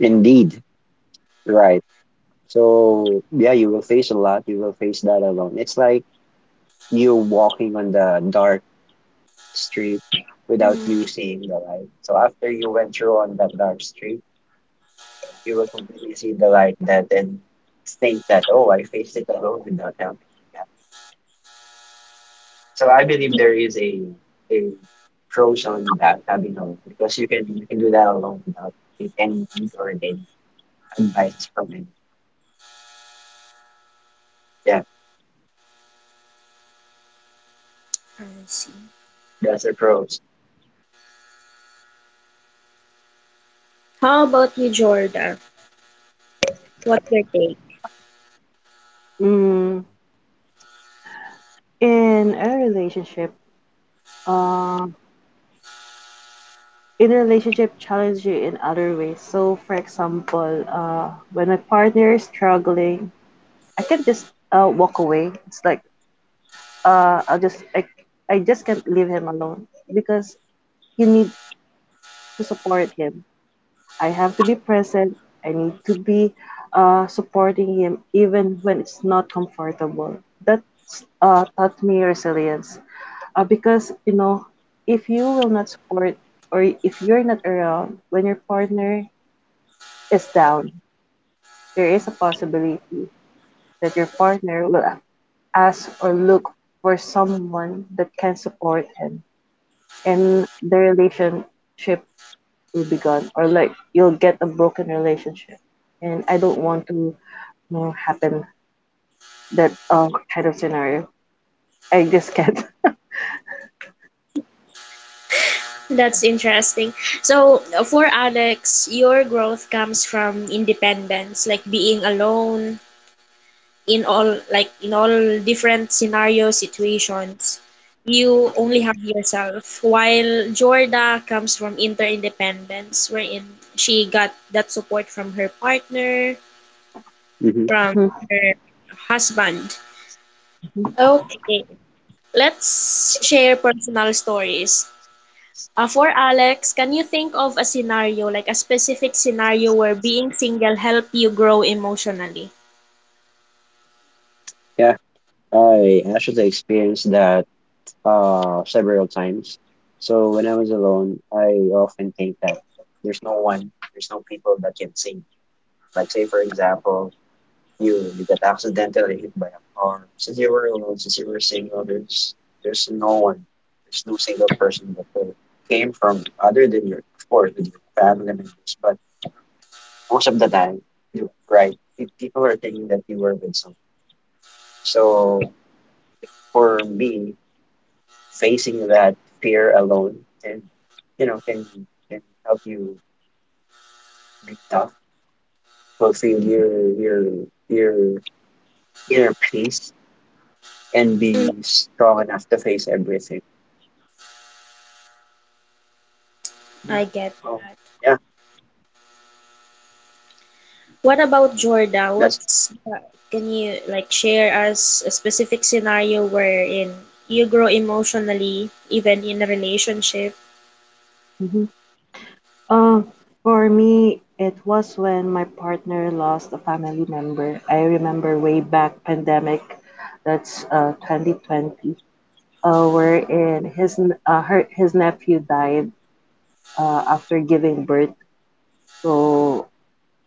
[SPEAKER 2] Indeed, right. So yeah, you will face a lot. You will face that alone. It's like you walking on the dark street without
[SPEAKER 1] Hmm.
[SPEAKER 2] you seeing the light. So after you went through on that dark street, you will completely see the light and then think that, oh, I faced it alone without help. Yeah. So I believe
[SPEAKER 1] I
[SPEAKER 2] there is a pros on that having help because you can do that alone without any need or any advice from it. Yeah,
[SPEAKER 1] see.
[SPEAKER 2] that's the pros.
[SPEAKER 1] How about you, Jordan? What's your take?
[SPEAKER 3] Mm. In a relationship, uh, in a relationship, challenge you in other ways. So, for example, when my partner is struggling, I can just walk away. It's like uh, I'll just I, I just can't leave him alone because you need to support him I have to be present. I need to be supporting him even when it's not comfortable. That taught me resilience. Because, you know, if you will not support or if you're not around when your partner is down, there is a possibility that your partner will ask or look for someone that can support him. And the relationship will be gone, or like you'll get a broken relationship, and I don't want to happen that kind of scenario. I just can't. *laughs*
[SPEAKER 1] That's interesting. So, for Alex, your growth comes from independence, like being alone in all different scenarios, situations. You only have yourself. While Jorda comes from interdependence, wherein she got that support from her partner,
[SPEAKER 2] Hmm.
[SPEAKER 1] from her husband.
[SPEAKER 3] Mhm.
[SPEAKER 1] Okay, let's share personal stories. For Alex, can you think of a scenario, like a specific scenario where being single helped you grow emotionally?
[SPEAKER 2] Yeah, I actually experienced that several times. So when I was alone, I often think that there's no one, there's no people that can sing. Like say for example, you got accidentally hit by a car. Since you were alone, since you were single, there's no one, there's no single person that came from, other than your, of course, with your family members. But most of the time, you're right. People are thinking that you were with someone. So for me, facing that fear alone and you know can can help you be tough, fulfill your inner peace and
[SPEAKER 1] Mm,
[SPEAKER 2] be strong enough to face everything.
[SPEAKER 1] I get
[SPEAKER 2] Oh
[SPEAKER 1] that.
[SPEAKER 2] yeah,
[SPEAKER 1] What about Jordan?
[SPEAKER 2] that's
[SPEAKER 1] Can you like share us a specific scenario wherein you grow emotionally even in a relationship?
[SPEAKER 3] Mhm. Uh, for me, it was when my partner lost a family member. I remember way back pandemic, that's 2020, wherein his n- her his nephew died after giving birth. So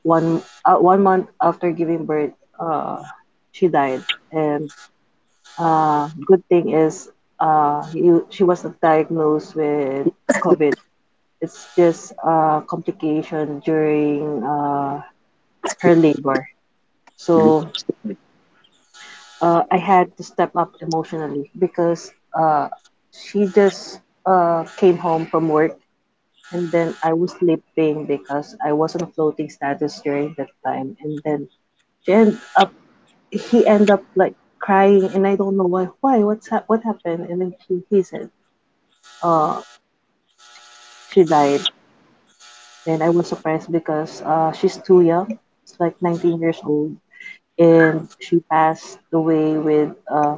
[SPEAKER 3] 1 month after giving birth, uh, she died. And good thing is, she wasn't diagnosed with COVID. It's just a complication during her labor.
[SPEAKER 2] Mhm.
[SPEAKER 3] So I had to step up emotionally because she just came home from work, and then I was sleeping because I was on a floating status during that time. And then she ended up he ended up like crying, and I don't know what happened, and then he said uh she died. And I was surprised because she's too young. It's like 19 years old, and she passed away with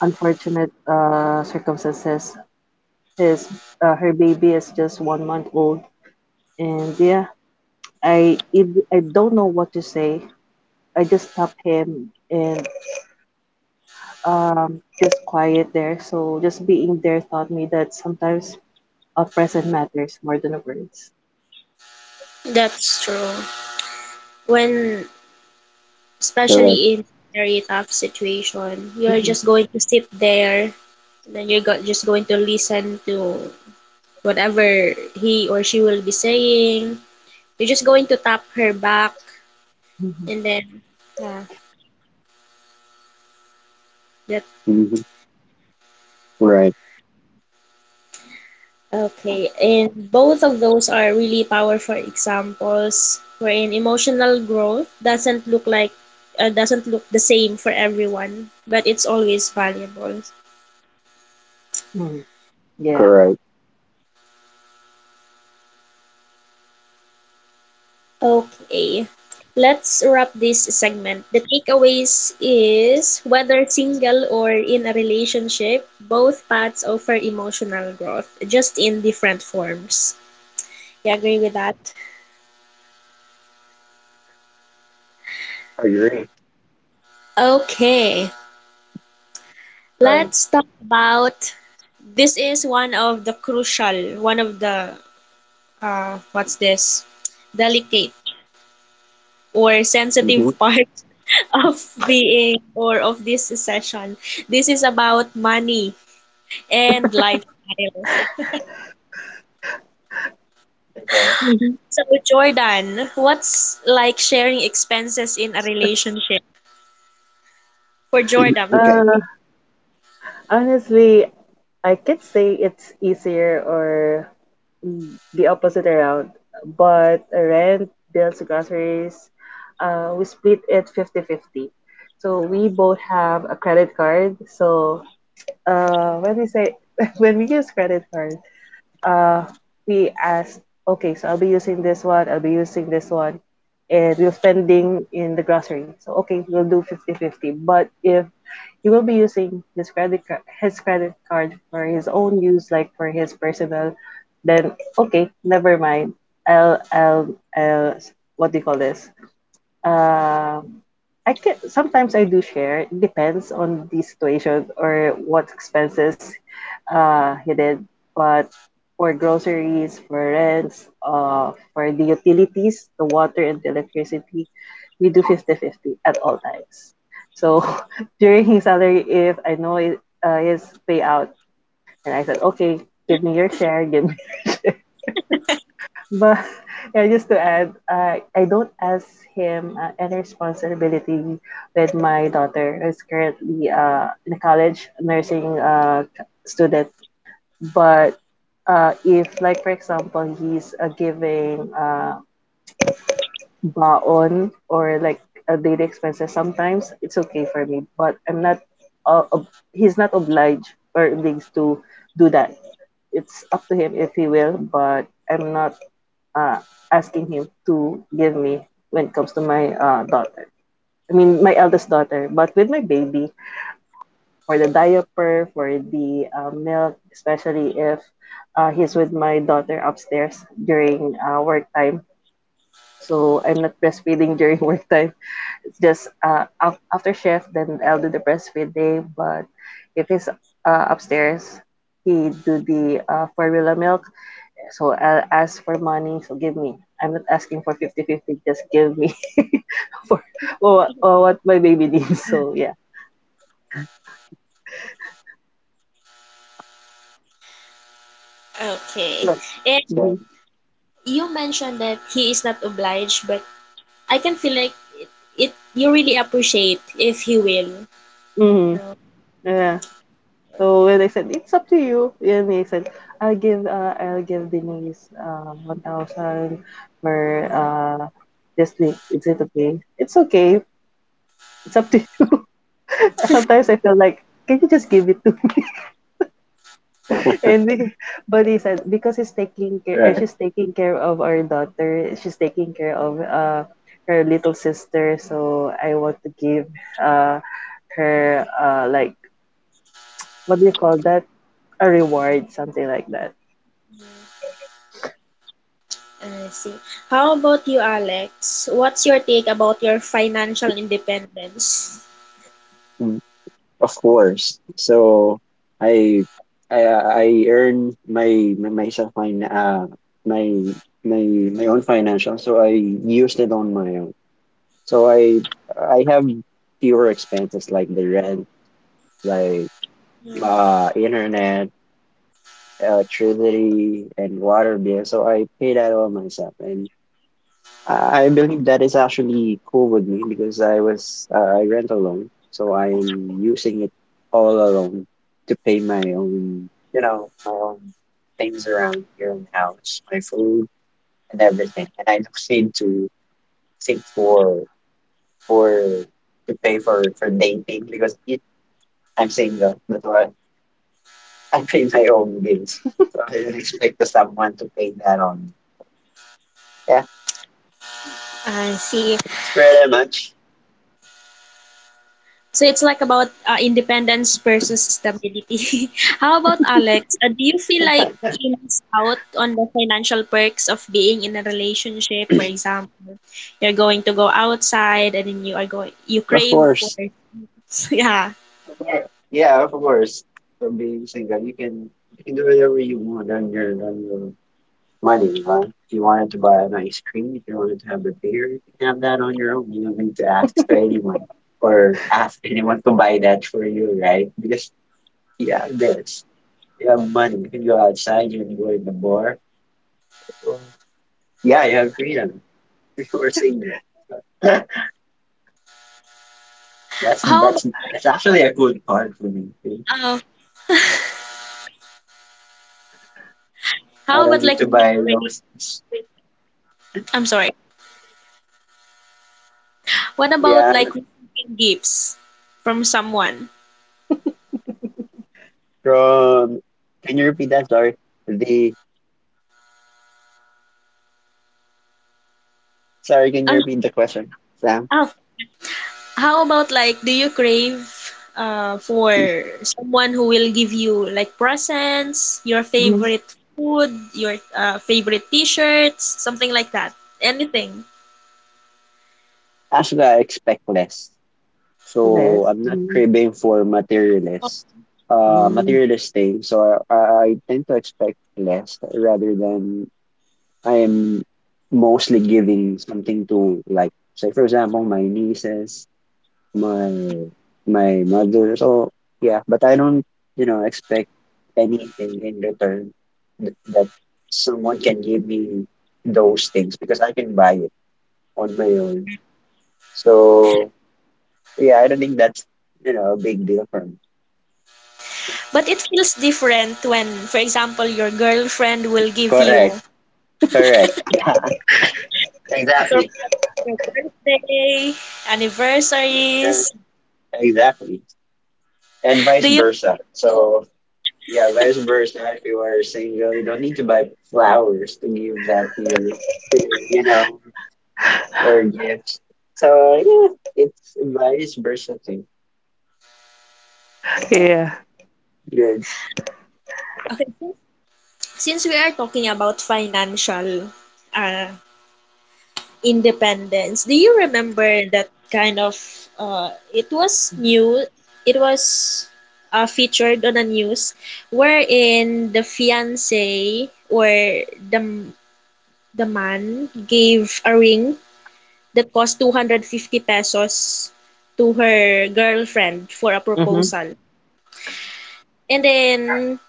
[SPEAKER 3] unfortunate circumstances. His Her baby is just 1 month old. And yeah, I don't know what to say. I just stopped him and just quiet there. So just being there taught me that sometimes our present matters more than words.
[SPEAKER 1] That's true. When
[SPEAKER 2] Correct.
[SPEAKER 1] especially in very tough situation, you're
[SPEAKER 3] Mhm.
[SPEAKER 1] just going to sit there and then just going to listen to whatever he or she will be saying. You're just going to tap her back
[SPEAKER 3] Mhm.
[SPEAKER 1] and then yeah, that
[SPEAKER 2] Mhm. Right.
[SPEAKER 1] okay. And both of those are really powerful examples wherein emotional growth doesn't look like doesn't look the same for everyone, but it's always valuable.
[SPEAKER 3] Mm. Yeah.
[SPEAKER 2] Correct.
[SPEAKER 1] Okay. Let's wrap this segment. The takeaways is whether single or in a relationship, both paths offer emotional growth, just in different forms. You agree with that?
[SPEAKER 2] I agree.
[SPEAKER 1] Okay.
[SPEAKER 2] Right.
[SPEAKER 1] Let's talk about this is one of the crucial, one of the what's this? Delicate or
[SPEAKER 2] Hmm.
[SPEAKER 1] sensitive part *laughs* of being or of this session. This is about money and lifestyle.
[SPEAKER 2] Okay.
[SPEAKER 3] Mhm.
[SPEAKER 1] So, Jordan, what's like sharing expenses in a relationship for Jordan?
[SPEAKER 3] Uh,
[SPEAKER 2] Okay.
[SPEAKER 1] Sorry.
[SPEAKER 3] honestly, I could say it's easier or the opposite around, but rent, bills, groceries, we split it 50-50. So we both have a credit card. So when we say *laughs* when we use credit card, uh, we asked, okay, so I'll be using this one, I'll be using this one, and we will spending in the grocery. So, okay, we'll do 50-50. But if he will be using his credit card for his own use, like for his personal, then okay, never mind. I'll, I'll, I'll, what do you call this? Um, I can sometimes I do share. It depends on the situation or what expenses you did. But for groceries, for rents, for the utilities, the water and the electricity, we do 50-50 at all times. So *laughs* during his salary, if I know it his payout, and I said, okay, give me your share, give me. *laughs* But *laughs* yeah, just to add, I don't ask him any responsibility with my daughter, who's currently in a college nursing student. But if, like, for example, he's giving baon or like a daily expenses, sometimes it's okay for me. But I'm not, he's not obliged or obliged to do that. It's up to him if he will, but I'm not uh, asking him to give me when it comes to my daughter. I mean, my eldest daughter. But with my baby, for the diaper, for the milk, especially if he's with my daughter upstairs during work time. So I'm not breastfeeding *laughs* during work time. It's just after shift, then I'll do the breastfeed day. But if he's upstairs, he do the formula milk, so I'll ask for money, so give me. I'm not asking for 50 50, just give me. *laughs* For, or what my baby needs. So yeah.
[SPEAKER 1] Okay.
[SPEAKER 3] So,
[SPEAKER 1] And
[SPEAKER 3] hmm.
[SPEAKER 2] So
[SPEAKER 1] you mentioned that he is not obliged, but I can feel like it, it you really appreciate if he will, you
[SPEAKER 3] Hmm.
[SPEAKER 1] know.
[SPEAKER 3] Yeah. So when I said it's up to you, and he said I'll give Denise 1,000 for this week. Is it okay? It's okay. It's up to you. *laughs* Sometimes I feel like, can you just give it to me? and he- but he said, because he's taking care
[SPEAKER 2] Right.
[SPEAKER 3] she's taking care of our daughter, she's taking care of her little sister, so I want to give uh her like, what do you call that, a reward, something like that.
[SPEAKER 1] I see. How about you, Alex? What's your take about your financial independence?
[SPEAKER 2] Of course. So I I earn my my myself my my my my own financial. So I used it on my own. So I have fewer expenses like the rent, like
[SPEAKER 1] Mm.
[SPEAKER 2] internet, electricity, and water bill. So I pay that all myself, and I believe that is actually cool with me because I rent alone, so I am using it all alone to pay my own things around here in the house, my food and everything. And I don't need to think for to pay for dating because I'm single, that's why I pay my own bills. So I didn't expect someone to pay that on me. Yeah,
[SPEAKER 1] I see.
[SPEAKER 2] that's pretty much.
[SPEAKER 1] So it's like about independence versus stability. *laughs* How about Alex? Do you feel like you miss out on the financial perks of being in a relationship? For example, you're going to go outside and then you are going you
[SPEAKER 2] Of
[SPEAKER 1] crave for
[SPEAKER 2] course.
[SPEAKER 1] *laughs* yeah.
[SPEAKER 2] Yeah, yeah, of course. From being single, you can do whatever you want on your money, right? If you wanted to buy an ice cream, if you wanted to have a beer, you can have that on your own. You don't need to ask to anyone or ask anyone to buy that for you, right? Because you have this, you have money. You can go outside, you can go in the bar. Well, yeah, you have freedom. *laughs* If you are single, *laughs* that's
[SPEAKER 1] How about
[SPEAKER 2] that's
[SPEAKER 1] like
[SPEAKER 2] that's actually a good part for me.
[SPEAKER 1] uh,
[SPEAKER 2] I
[SPEAKER 1] how
[SPEAKER 2] don't
[SPEAKER 1] about
[SPEAKER 2] need
[SPEAKER 1] like
[SPEAKER 2] to
[SPEAKER 1] do you
[SPEAKER 2] buy
[SPEAKER 1] crave?
[SPEAKER 2] roses.
[SPEAKER 1] I'm sorry. What about
[SPEAKER 2] Yeah.
[SPEAKER 1] like receiving gifts from someone?
[SPEAKER 2] from, can you repeat that? Sorry. The, Sorry, can you
[SPEAKER 1] Um,
[SPEAKER 2] repeat the question, Sam?
[SPEAKER 1] oh, How about like, do you crave for someone who will give you like presents, your
[SPEAKER 3] Mm-hmm.
[SPEAKER 1] favorite food, your favorite T-shirts, something like that? Anything.
[SPEAKER 2] Actually, I expect less. So
[SPEAKER 3] Less
[SPEAKER 2] I'm not
[SPEAKER 3] mm-hmm.
[SPEAKER 2] craving for materialist things. So I tend to expect less rather than I am mostly giving something to, like, say, for example, my nieces. My my mother. So yeah, but I don't, you know, expect anything in return th that someone can give me those things because I can buy it on my own. So yeah, I don't think that's a big deal for me.
[SPEAKER 1] But it feels different when, for example, your girlfriend will give you
[SPEAKER 2] Correct,
[SPEAKER 1] a
[SPEAKER 2] correct. *laughs* Yeah, exactly.
[SPEAKER 1] surprise for your birthday,
[SPEAKER 2] Yeah,
[SPEAKER 1] anniversaries.
[SPEAKER 2] exactly. And vice
[SPEAKER 1] Do you,
[SPEAKER 2] versa. So, yeah, vice versa. If you are single, you don't need to buy flowers to give that to your. Very good. So yeah, it's varies versatile.
[SPEAKER 3] Yeah
[SPEAKER 2] Good.
[SPEAKER 1] okay, since we are talking about financial uh, Independence. Do you remember that kind of it was featured on the news wherein the fiance or the the man gave a ring that cost 250 pesos to her girlfriend for a
[SPEAKER 3] mm-hmm.
[SPEAKER 1] proposal. And then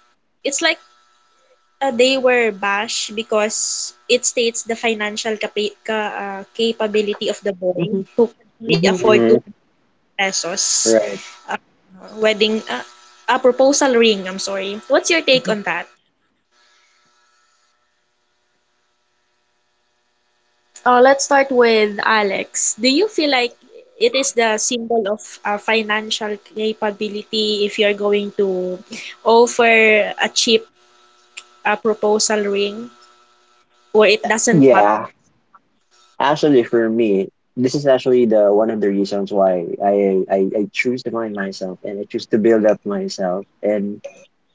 [SPEAKER 1] it's like they were bashed because it states the financial capa- ca capability of the boy
[SPEAKER 3] Mm-hmm.
[SPEAKER 1] who can only
[SPEAKER 3] Mm-hmm.
[SPEAKER 1] afford
[SPEAKER 2] Hmm.
[SPEAKER 1] 200 pesos
[SPEAKER 2] Right.
[SPEAKER 1] uh, wedding a proposal ring, I'm sorry. What's your take on
[SPEAKER 3] Mm-hmm.
[SPEAKER 1] that? Let's start with Alex. Do you feel like it is the symbol of financial capability if you're going to offer a cheap proposal ring or it doesn't
[SPEAKER 2] Yeah.
[SPEAKER 1] matter?
[SPEAKER 2] Actually, for me, this is actually the one of the reasons why I choose to find myself and I choose to build up myself and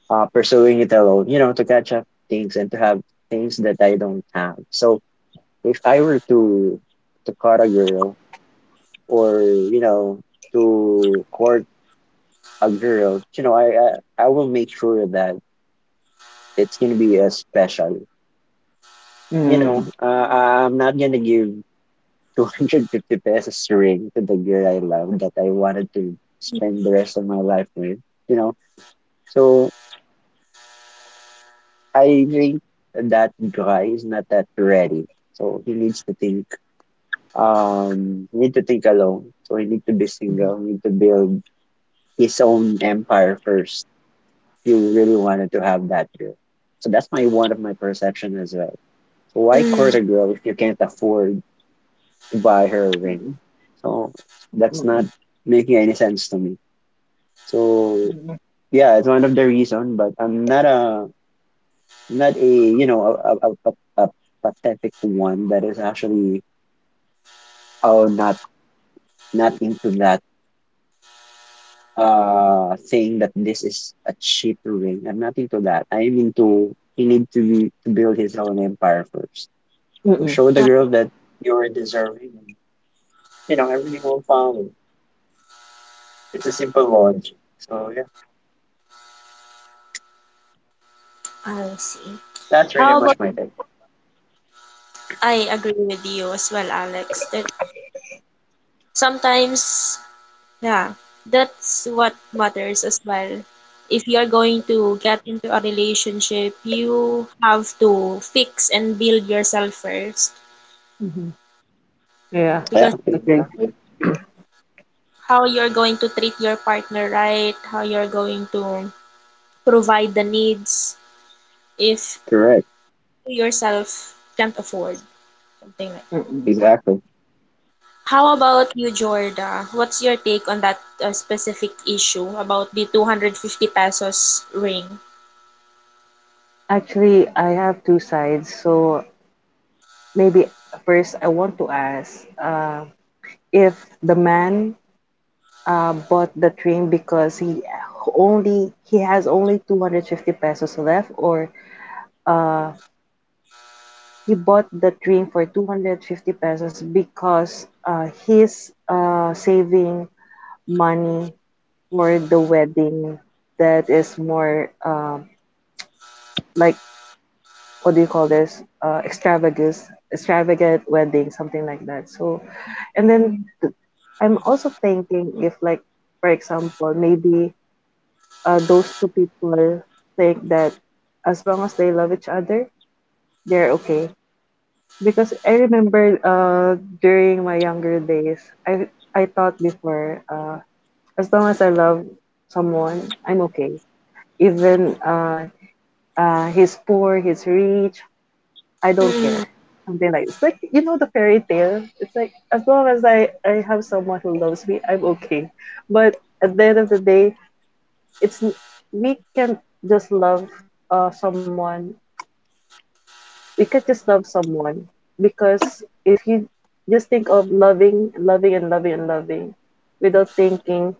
[SPEAKER 2] pursuing it alone. You know, to catch up things and to have things that I don't have. So if I were to cut a girl or, you know, to court a girl, you know, I will make sure that it's gonna be a special. You know, I'm not gonna give *laughs* 250 pesos ring to the girl I love that I wanted to spend the rest of my life with. You know, so I think that guy is not that ready. So he needs to think. Need to think alone. So he need to be
[SPEAKER 3] Mm-hmm.
[SPEAKER 2] single. Need to build his own empire first. If you really wanted to have that girl. So that's my one of my perception as well. So why court
[SPEAKER 1] Mm,
[SPEAKER 2] a girl if you can't afford to buy her a ring? So that's not making any sense to me. So yeah, it's one of the reason, but I'm not a a pathetic one that is actually, oh, not not into that thing that this is a cheap ring. I'm not into that. I'm into he need to build his own empire first. So
[SPEAKER 3] Mm-hmm.
[SPEAKER 2] show the
[SPEAKER 1] uh,
[SPEAKER 2] girl that you're deserving. You know everything will follow. It's a simple logic. So yeah,
[SPEAKER 1] I see.
[SPEAKER 2] that's pretty
[SPEAKER 1] How
[SPEAKER 2] much
[SPEAKER 1] about
[SPEAKER 2] my take.
[SPEAKER 1] I agree with you as well, Alex, that sometimes, yeah, that's what matters as well. If you are going to get into a relationship, you have to fix and build yourself first
[SPEAKER 3] Mm-hmm. Yeah.
[SPEAKER 2] Yeah,
[SPEAKER 1] because
[SPEAKER 3] Agree.
[SPEAKER 2] exactly.
[SPEAKER 1] how you're going to treat your partner right, how you're going to provide the needs if
[SPEAKER 2] Correct.
[SPEAKER 1] you yourself can't afford something like
[SPEAKER 3] Mm-mm.
[SPEAKER 2] Exactly.
[SPEAKER 1] How about you, Jorda? What's your take on that specific issue about the 250 pesos ring?
[SPEAKER 3] Actually, I have two sides. So maybe first I want to ask, if the man bought the train because he has only 250 pesos left, or uh, he bought the train for 250 pesos because he's saving money for the wedding that is more like, what do you call this, extravagance extravagant wedding, something like that. So and then th- I'm also thinking if like, for example, maybe those two people think that as long as they love each other, they're okay. Because I remember during my younger days, I thought before, as long as I love someone, I'm okay. Even he's poor, he's rich, I don't
[SPEAKER 1] Mm,
[SPEAKER 3] care. Something like, it's like, you know, the fairy tale. It's like, as long as I have someone who loves me, I'm okay. But at the end of the day, it's n- we can just love someone. We can just love someone because if you just think of loving, loving and loving and loving without thinking,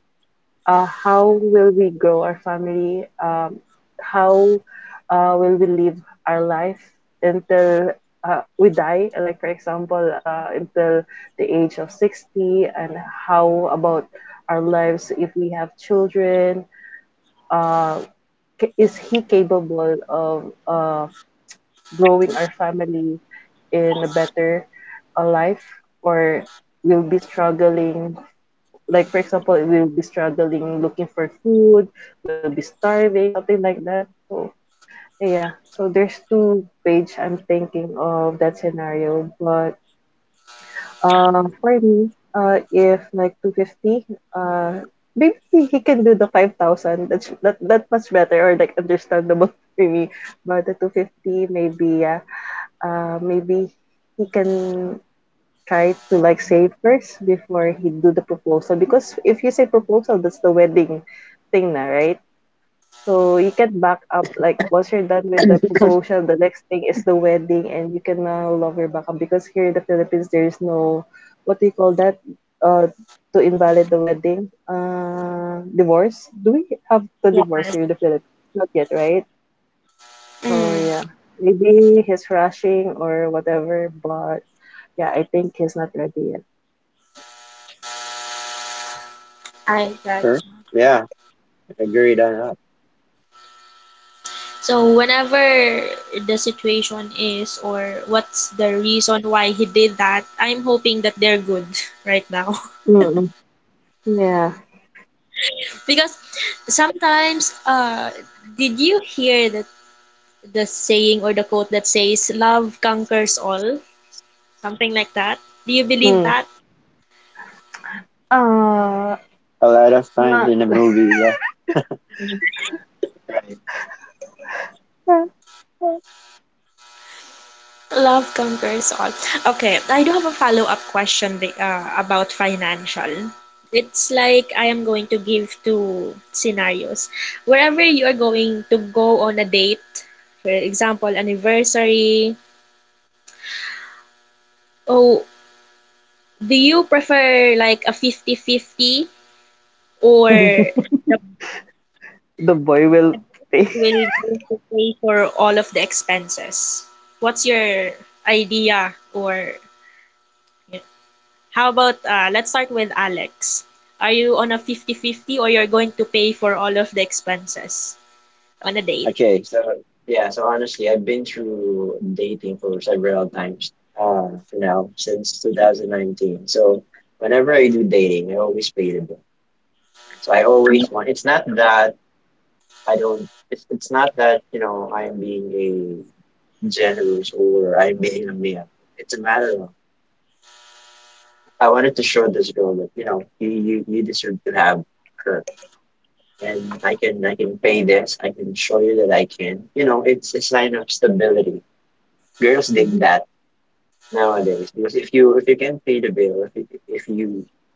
[SPEAKER 3] how will we grow our family? How will we live our life until, we die? Like, for example, until the age of 60. And how about our lives if we have children? Uh, is he capable of growing our family in a better life, or will be struggling? Like, for example, we'll be struggling looking for food, we'll be starving, something like that. So yeah, so there's two-page I'm thinking of that scenario. But for me, if like 250, uh, maybe he can do the 5,000. That's that, that much better or like understandable *laughs* for me. But the 250, maybe yeah, maybe he can try to like save first before he do the proposal. Because if you say proposal, that's the wedding thing na, right? So you can back up, like once you're done with the proposal, the next thing is the wedding, and you can now longer back up because here in the Philippines, there's no, what do you call that, uh to invalid the wedding, divorce. Do we have the divorce
[SPEAKER 1] yes,
[SPEAKER 3] here in the Philippines? Not yet, right? So yeah,
[SPEAKER 1] mm.
[SPEAKER 3] maybe he's rushing or whatever, but yeah, I think he's not ready yet.
[SPEAKER 1] I got
[SPEAKER 2] Sure.
[SPEAKER 1] you.
[SPEAKER 2] Yeah, agreed on that.
[SPEAKER 1] So whenever the situation is or what's the reason why he did that, I'm hoping that they're good *laughs* right now.
[SPEAKER 3] Mm. Yeah.
[SPEAKER 1] *laughs* Because sometimes, did you hear that the saying or the quote that says love conquers all? Something like that. Do you believe
[SPEAKER 3] Hmm.
[SPEAKER 1] that?
[SPEAKER 3] Uh,
[SPEAKER 2] A lot of times
[SPEAKER 3] Not.
[SPEAKER 2] in a movie, yeah. Right.
[SPEAKER 3] *laughs*
[SPEAKER 1] Love conquers all. Okay, I do have a follow-up question about financial. It's like I am going to give two scenarios. Wherever you are going to go on a date, for example, anniversary, oh, do you prefer like a 50 50, or the
[SPEAKER 3] The boy will stay.
[SPEAKER 1] will go to pay for all of the expenses? What's your idea or How about let's start with Alex. Are you on a 50-50 or you're going to pay for all of the expenses on a date?
[SPEAKER 2] Okay, so yeah, so honestly, I've been through dating for several times now since 2019. So whenever I do dating, I always pay the bill. So I always want. It's not that I don't. It's not that, you know, I'm being a generous or I'm being a man. It's a matter of I wanted to show this girl that, you know, you deserve to have her, and I can pay this. I can show you that I can. You know, it's a sign of stability. Girls dig
[SPEAKER 3] Hmm.
[SPEAKER 2] that nowadays because if you can pay the bill, if you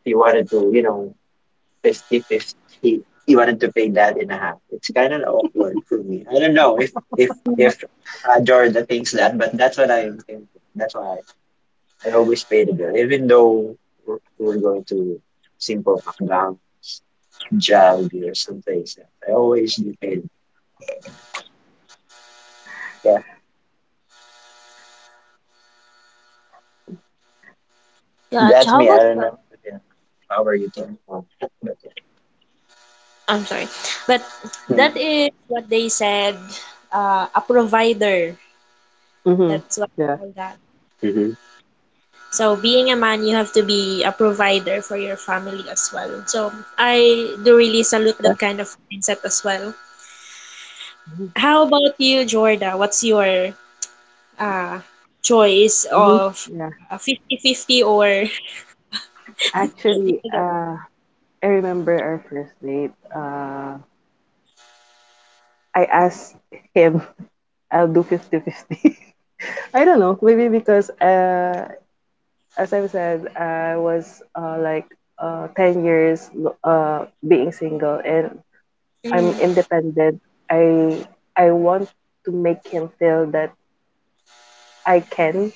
[SPEAKER 2] if you wanted to, you know, 50-50, you wanted to pay that in a half. It's kind of awkward for me. I don't know if if
[SPEAKER 1] Mm,
[SPEAKER 2] if Jordan thinks that, but that's what I'm thinking. That's why I always pay the bill, even though we're going to simple McDonald's, Jollibee, or some place. Yeah, I always do pay the bill. Yeah,
[SPEAKER 1] gotcha.
[SPEAKER 2] that's
[SPEAKER 1] How
[SPEAKER 2] me. I
[SPEAKER 1] about
[SPEAKER 2] don't know. Yeah, how are you thinking? But
[SPEAKER 1] I'm sorry. But that
[SPEAKER 2] yeah.
[SPEAKER 1] is what they said, a provider.
[SPEAKER 3] Hmm.
[SPEAKER 1] That's what they
[SPEAKER 3] Yeah.
[SPEAKER 1] call that.
[SPEAKER 2] Mm-hmm.
[SPEAKER 1] So being a man, you have to be a provider for your family as well. So I do really salute
[SPEAKER 2] Yeah.
[SPEAKER 1] that kind of mindset as well. How about you, Jorda? What's your uh, choice
[SPEAKER 3] Mm-hmm.
[SPEAKER 1] of
[SPEAKER 3] Yeah.
[SPEAKER 1] 50 fifty or
[SPEAKER 3] Actually, I remember our first date. I asked him, I'll do 50-50. *laughs* I don't know. Maybe because, as I said, I was like 10 years being single, and I'm
[SPEAKER 1] Mm,
[SPEAKER 3] independent. I I want to make him feel that I can.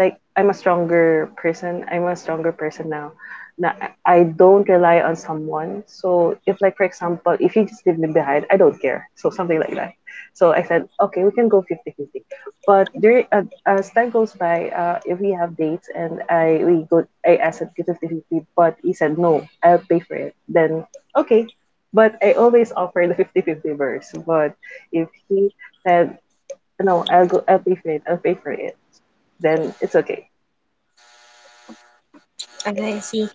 [SPEAKER 3] Like, I'm a stronger person. I'm a stronger person now. Now I don't rely on someone. So if like for example, if you just leave me behind, I don't care. So something like that. So I said, okay, we can go 50-50. But during, as time goes by, if we have dates and I we go, I asked him 50-50, but he said, no, I'll pay for it. Then okay. But I always offer the 50 fifty verse. But if he said, no, I'll pay for it, I'll pay for it, then it's okay.
[SPEAKER 1] okay, I see.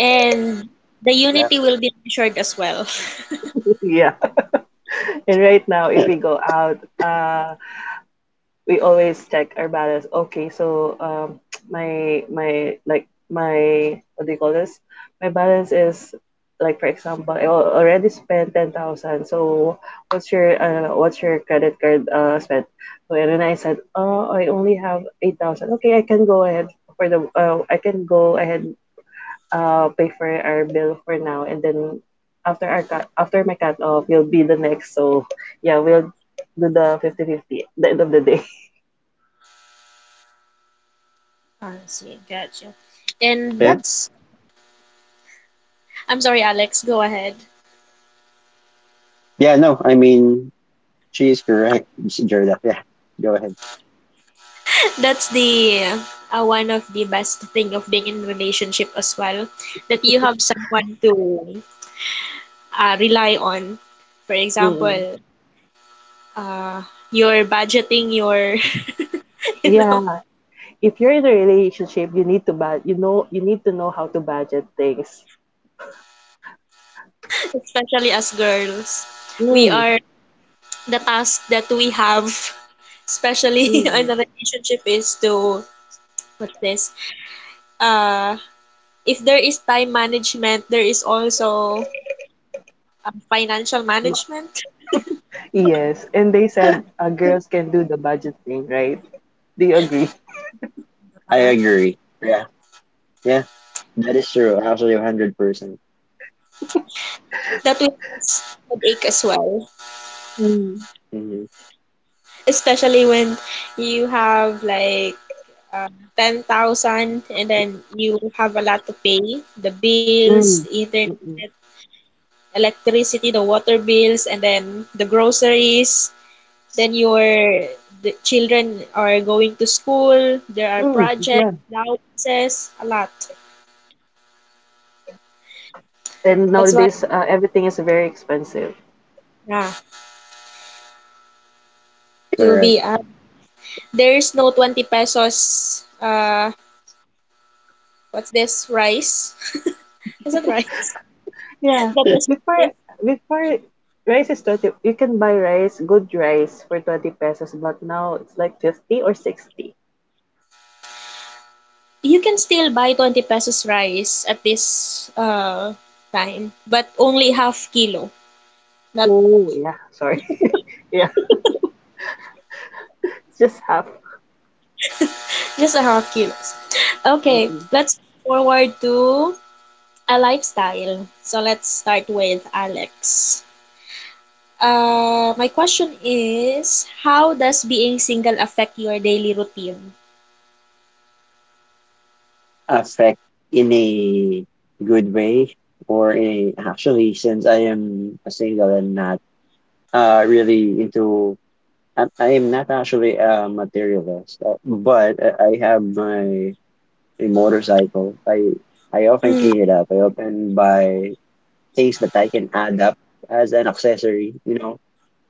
[SPEAKER 1] And the
[SPEAKER 2] Yeah.
[SPEAKER 1] unity will be ensured as well. *laughs*
[SPEAKER 3] *laughs* Yeah. And right now, if
[SPEAKER 2] Yeah.
[SPEAKER 3] we go out, we always check our balance. Okay, so my my like my what do you call this? My balance is, like for example, I al- already spent 10,000. So what's your credit card spent? So and then I said, oh, I only have 8,000. Okay, I can go ahead for the, I can go ahead pay for our bill for now, and then after our cut, after my cut off, you'll be the next. So yeah, we'll do the 50-50 at the end of the day.
[SPEAKER 1] Ah, I see, gotcha. And
[SPEAKER 2] Yeah.
[SPEAKER 1] that's, I'm sorry, Alex, go ahead.
[SPEAKER 2] Yeah, no, I mean, she is correct, Mister Jordan. Yeah. Go ahead.
[SPEAKER 1] That's the one of the best thing of being in relationship as well, that you have someone to rely on. For
[SPEAKER 3] *laughs* Mm-mm.
[SPEAKER 1] example, uh, you're budgeting your, *laughs* you know,
[SPEAKER 3] Yeah, if you're in a relationship, you need to bud, you know, you need to know how to budget things.
[SPEAKER 1] especially as girls, we
[SPEAKER 3] Mm.
[SPEAKER 1] are the task that we have, especially *laughs* in a
[SPEAKER 3] Mm-mm.
[SPEAKER 1] relationship, is to what's this? Uh, if there is time management, there is also financial management
[SPEAKER 3] Yes, and they said
[SPEAKER 2] *laughs*
[SPEAKER 3] girls can do the budget thing, right? Do you agree?
[SPEAKER 2] I
[SPEAKER 1] Uh,
[SPEAKER 2] agree. Yeah. Yeah. That is true. Actually, 100%.
[SPEAKER 1] that will cause headache as well.
[SPEAKER 3] Mm.
[SPEAKER 2] Mm-hmm.
[SPEAKER 1] Especially when you have like uh, 10,000 and then you have a lot to pay the bills,
[SPEAKER 3] Mm.
[SPEAKER 1] internet,
[SPEAKER 3] Mm-mm.
[SPEAKER 1] electricity, the water bills, and then the groceries. Then your the children are going to school. There are
[SPEAKER 3] Mm.
[SPEAKER 1] projects,
[SPEAKER 3] Yeah.
[SPEAKER 1] allowances, a lot.
[SPEAKER 3] And
[SPEAKER 1] That's why
[SPEAKER 3] nowadays, everything is very expensive.
[SPEAKER 1] yeah, to
[SPEAKER 2] Correct.
[SPEAKER 1] be there's no 20 pesos what's this rice? *laughs* Is that rice? *laughs*
[SPEAKER 3] Yeah,
[SPEAKER 1] That was
[SPEAKER 3] before before rice is 20, you can buy rice, good rice for 20 pesos, but now it's like 50 or 60.
[SPEAKER 1] you can still buy 20 pesos rice at this time, but only half kilo, not
[SPEAKER 3] Oh, yeah, sorry. *laughs* Yeah, it's just half.
[SPEAKER 1] just a half kilos. Okay,
[SPEAKER 3] Mm-mm.
[SPEAKER 1] let's forward to a lifestyle. So let's start with Alex. My question is, how does being single affect your daily routine?
[SPEAKER 2] Affect in a good way? Or a, actually, since I am a single and not really into, I am not actually a materialist, but I have my, a motorcycle. I often
[SPEAKER 1] Mm,
[SPEAKER 2] clean it up, I often buy things that I can add up as an accessory, you know,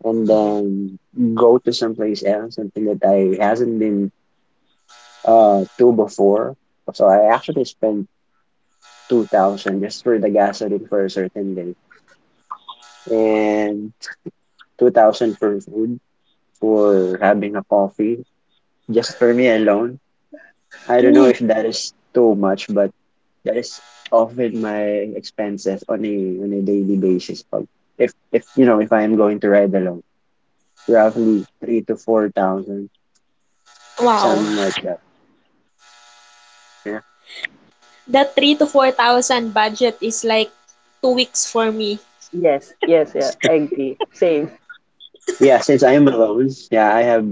[SPEAKER 2] and
[SPEAKER 3] Mhm.
[SPEAKER 2] then go to someplace else, something that I hasn't been to before. So I actually spend 2,000 just for the gasoline for a certain day and 2,000 for food, for having a coffee, just for me alone. I don't know
[SPEAKER 1] mm,
[SPEAKER 2] if that is too much, but that is often my expenses on a daily basis. Pag if, you know, if I am going to ride alone, roughly three to four thousand,
[SPEAKER 1] wow.
[SPEAKER 2] something
[SPEAKER 3] Mm.
[SPEAKER 2] like that. Yeah,
[SPEAKER 1] That 3 to 4 thousand budget is like 2 weeks for me.
[SPEAKER 3] Yes, yes, yeah, I agree. Same.
[SPEAKER 2] yeah. Since I am alone, yeah, I have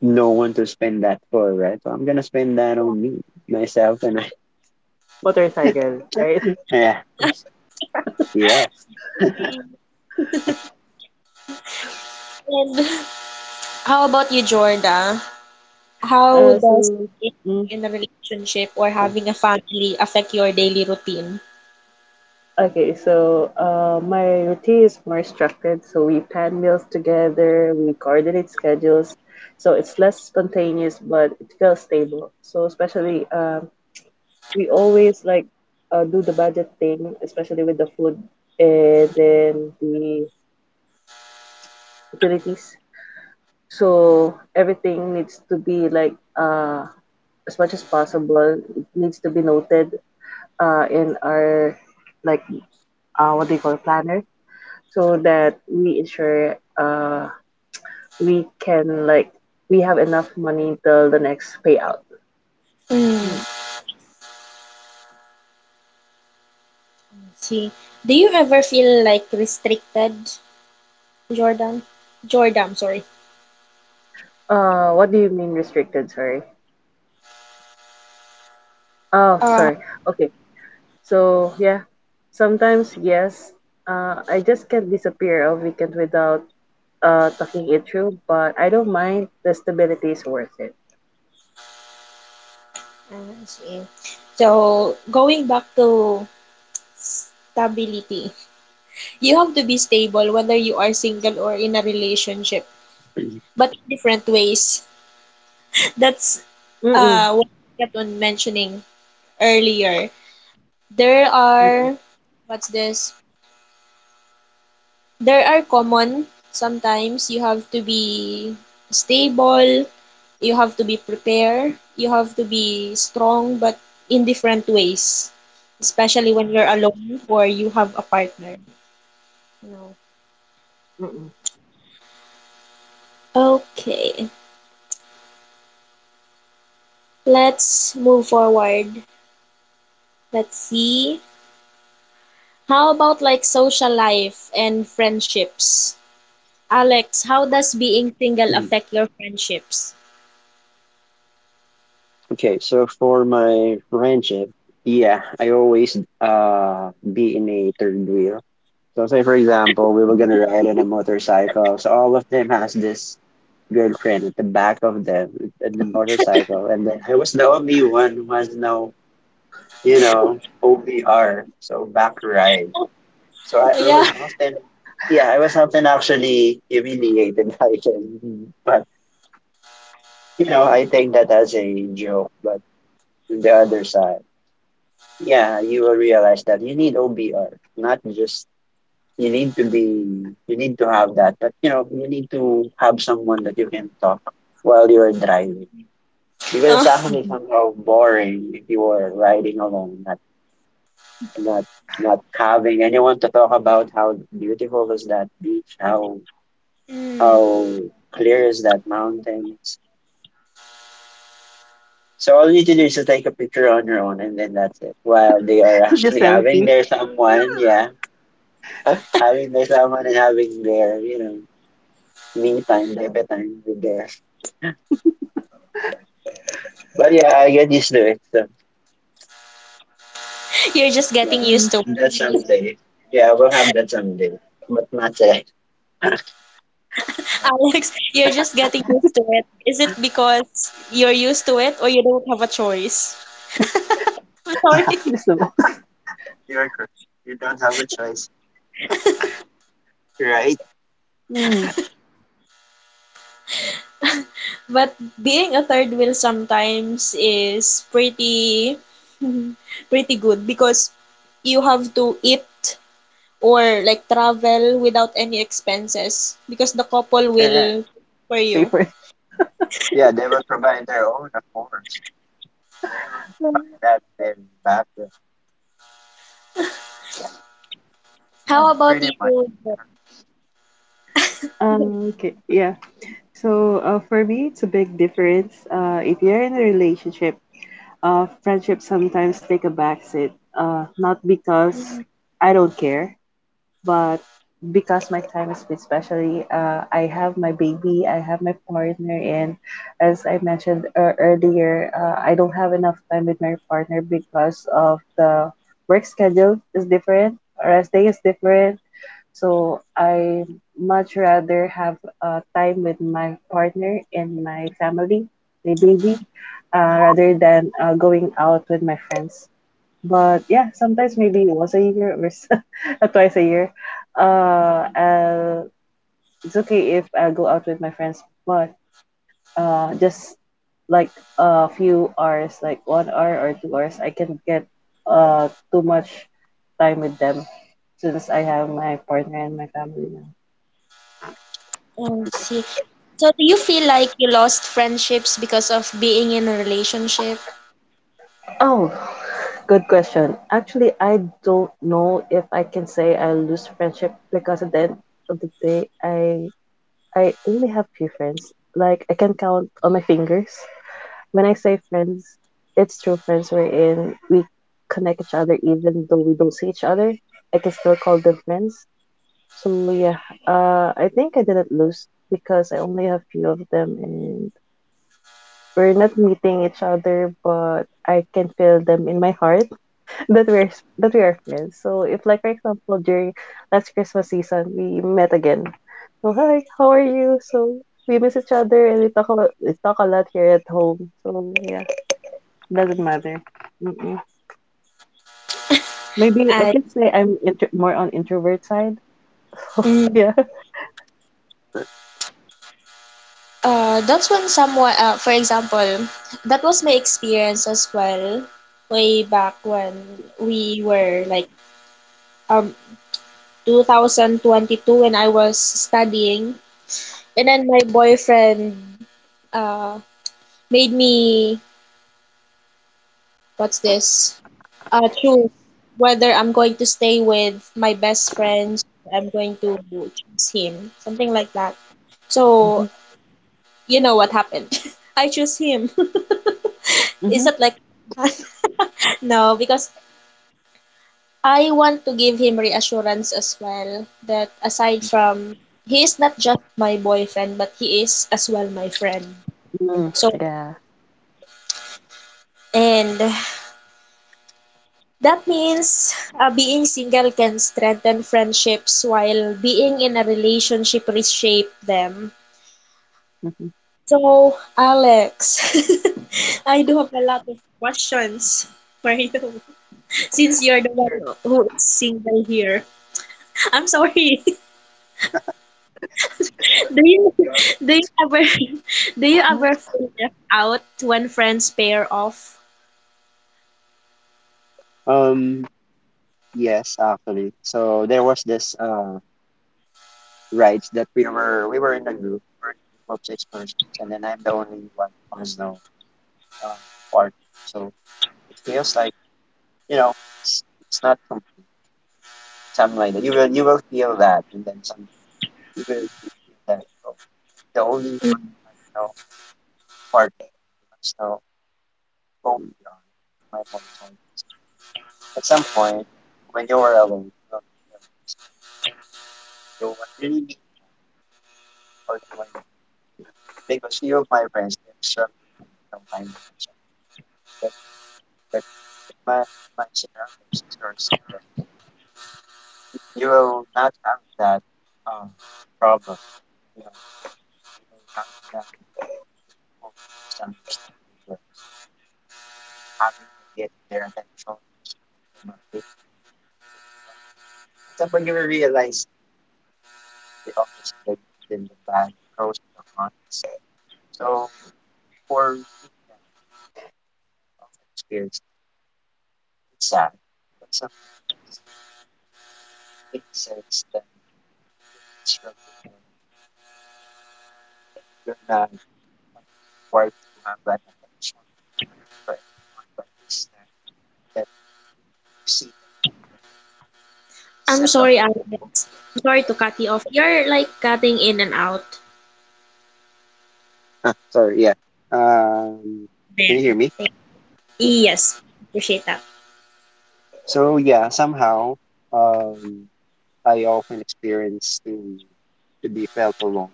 [SPEAKER 2] no one to spend that for, right? So I'm gonna spend that on me, myself, and
[SPEAKER 3] Motorcycle, right?
[SPEAKER 2] yeah. Yes. *clears throat*
[SPEAKER 1] Yeah. And how about you, Jorda? How
[SPEAKER 3] Uh,
[SPEAKER 1] does
[SPEAKER 3] so,
[SPEAKER 1] being
[SPEAKER 3] mm,
[SPEAKER 1] in a relationship or having a family affect your daily routine?
[SPEAKER 3] okay, so my routine is more structured. So we plan meals together, we coordinate schedules. So it's less spontaneous, but it feels stable. So especially we always like do the budget thing, especially with the food, and then the utilities. So everything needs to be like, as much as possible, it needs to be noted in our like, what do you call, planner, so that we ensure we can like we have enough money till the next payout.
[SPEAKER 1] Mm,
[SPEAKER 3] Hmm.
[SPEAKER 1] see. Do you ever feel like restricted, Jordan? Jordan, sorry.
[SPEAKER 3] What do you mean restricted? Sorry. Oh,
[SPEAKER 1] Uh,
[SPEAKER 3] sorry. Okay. So yeah, sometimes yes, I just can't disappear a weekend without talking it through. But I don't mind. The stability is worth it.
[SPEAKER 1] I see. So going back to stability, you have to be stable whether you are single or in a relationship, but in different ways. *laughs* That's
[SPEAKER 3] Mm mm
[SPEAKER 1] what I kept on mentioning earlier. There
[SPEAKER 3] mm
[SPEAKER 1] are what's this? There are common Sometimes you have to be stable, you have to be prepared, you have to be strong, but in different ways, especially when you're alone or you have a partner, you know.
[SPEAKER 3] mm mm.
[SPEAKER 1] Okay, let's move forward, let's see, how about like social life and friendships. Alex, how does being single affect your friendships?
[SPEAKER 2] Okay, so for my friendship, yeah, I always be in a third wheel. So, say for example, we were gonna ride on a motorcycle. So all of them has this girlfriend at the back of them in the motorcycle, and then I was the only one who has no, you know, OBR, so back ride. So I
[SPEAKER 1] Yeah.
[SPEAKER 2] was
[SPEAKER 1] *laughs*
[SPEAKER 2] often, yeah, I was often actually humiliated *laughs* by them, by *laughs* you know, I take that as a joke, but on the other side, yeah, you will realize that you need OBR, not just you need to be, you need to have that, but, you know, you need to have someone that you can talk while you're driving, because it's
[SPEAKER 1] Oh.
[SPEAKER 2] actually
[SPEAKER 3] Mm.
[SPEAKER 2] somehow boring if you are riding alone, not not not having anyone to talk about how beautiful was that beach, how
[SPEAKER 1] Mm.
[SPEAKER 2] how clear is that mountains. So all you need to do is to take a picture on your own, and then that's it. While they are
[SPEAKER 3] *laughs* Just
[SPEAKER 2] actually having
[SPEAKER 3] selfie.
[SPEAKER 2] their someone, yeah, having their someone and having their, you know, me time, debit time with their. But yeah, I get used to it. So
[SPEAKER 1] you're just getting
[SPEAKER 2] yeah,
[SPEAKER 1] used
[SPEAKER 3] Mm.
[SPEAKER 1] to
[SPEAKER 2] that someday. Yeah, we'll have that someday, but not today. Yeah,
[SPEAKER 1] Alex, you're just getting used to it. Is it because you're used to it or you don't have a choice? *laughs* I'm sorry.
[SPEAKER 3] *laughs* Just the
[SPEAKER 2] you're correct. You don't have a choice. Right.
[SPEAKER 3] mm,
[SPEAKER 1] But being a third wheel sometimes is pretty *laughs* pretty good because you have to eat or like travel without any expenses because the couple
[SPEAKER 2] Correct.
[SPEAKER 1] will for
[SPEAKER 3] *laughs*
[SPEAKER 1] you.
[SPEAKER 3] paper.
[SPEAKER 2] Yeah, they will provide their own, of course. They will provide that in back. Yeah,
[SPEAKER 1] How about
[SPEAKER 2] pretty much.
[SPEAKER 1] you?
[SPEAKER 3] Okay, yeah. So for me, it's a big difference. If you're in a relationship, friendships sometimes take a backseat. Not because
[SPEAKER 1] Mm,
[SPEAKER 3] I don't care, but because my time is been especially, I have my baby I have my partner and as I mentioned earlier I don't have enough time with my partner because of the work schedule is different rest day is different so I much rather have time with my partner and my family my baby rather than going out with my friends, but yeah, sometimes maybe once a year or *laughs* twice a year. Uh, I'll, it's okay if I go out with my friends, but just like a few hours, like 1 hour or 2 hours, I can get too much time with them since I have my partner and my family now.
[SPEAKER 1] I see. So do you feel like you lost friendships because of being in a relationship?
[SPEAKER 3] Oh, good question. Actually, I don't know if I can say I lose friendship because at the end of the day, I only have few friends. Like I can count on my fingers. When I say friends, it's true friends we're in. We connect each other even though we don't see each other. I can still call them friends. So yeah, I think I didn't lose because I only have few of them, and we're not meeting each other, but I can feel them in my heart *laughs* that we're that we are friends. So if like for example during last Christmas season we met again, so hi, how are you? So we miss each other and we talk a lot here at home. So yeah. Doesn't matter. Mm-mm. Maybe I
[SPEAKER 1] I
[SPEAKER 3] can say I'm more on introvert side. *laughs* Yeah.
[SPEAKER 1] That's when someone, for example, that was my experience as well, way back when we were like um 2022 when I was studying, and then my boyfriend uh made me what's this choose whether I'm going to stay with my best friends or I'm going to choose him, something like that. So
[SPEAKER 3] Mm-hmm.
[SPEAKER 1] you know what happened? *laughs* I choose him. *laughs* Is
[SPEAKER 3] Mm-hmm.
[SPEAKER 1] that like *laughs* no, because I want to give him reassurance as well that aside
[SPEAKER 2] Mhm.
[SPEAKER 1] from he is not just my boyfriend, but he is as well my friend.
[SPEAKER 3] Mm,
[SPEAKER 1] So,
[SPEAKER 3] yeah.
[SPEAKER 1] and that means being single can strengthen friendships while being in a relationship reshape them.
[SPEAKER 3] Mm-hmm.
[SPEAKER 1] So, Alex, *laughs* I do have a lot of questions for you *laughs* since you're the
[SPEAKER 2] Sure.
[SPEAKER 1] one who is single here. I'm sorry. Do you
[SPEAKER 2] Go
[SPEAKER 1] *laughs*
[SPEAKER 2] ahead.
[SPEAKER 1] do you ever *laughs* do you ever feel left out when friends pair off?
[SPEAKER 2] Um, Yes, actually. So there was this rides that we were in a group, we were in a group of six persons, and then I'm the only one who has no um partner. So it feels like, you know, it's, it's not complete. Something like that. You will, feel that, and then some you will feel that, oh, the only
[SPEAKER 1] Mm.
[SPEAKER 2] one who has no partner, who has no go on my motorcycle. At some point when you're alone, you will realize, do I really need one or do I, because few of my friends they have struggled with, you know, but but if my my scenario is very simple. You will not have that um problem. You know, you will have that people misunderstanding girls having to get their attention. You know, they, at some point you will realize the opposite, the bad, the pros and the cons. So for me, yeah, of experience, it's sad, but sometimes. Insects says you're struggling, you're not required to have an attention to anyone but this that, that you see that
[SPEAKER 1] I'm
[SPEAKER 2] set.
[SPEAKER 1] sorry, Alex. I'm sorry to cut you off. You're like cutting in and out
[SPEAKER 2] Sorry, yeah. Um, can you hear
[SPEAKER 1] there.
[SPEAKER 2] me?
[SPEAKER 1] Thank-
[SPEAKER 2] Yeah.
[SPEAKER 1] Yes, appreciate that.
[SPEAKER 2] So yeah, somehow um I often experience to be felt alone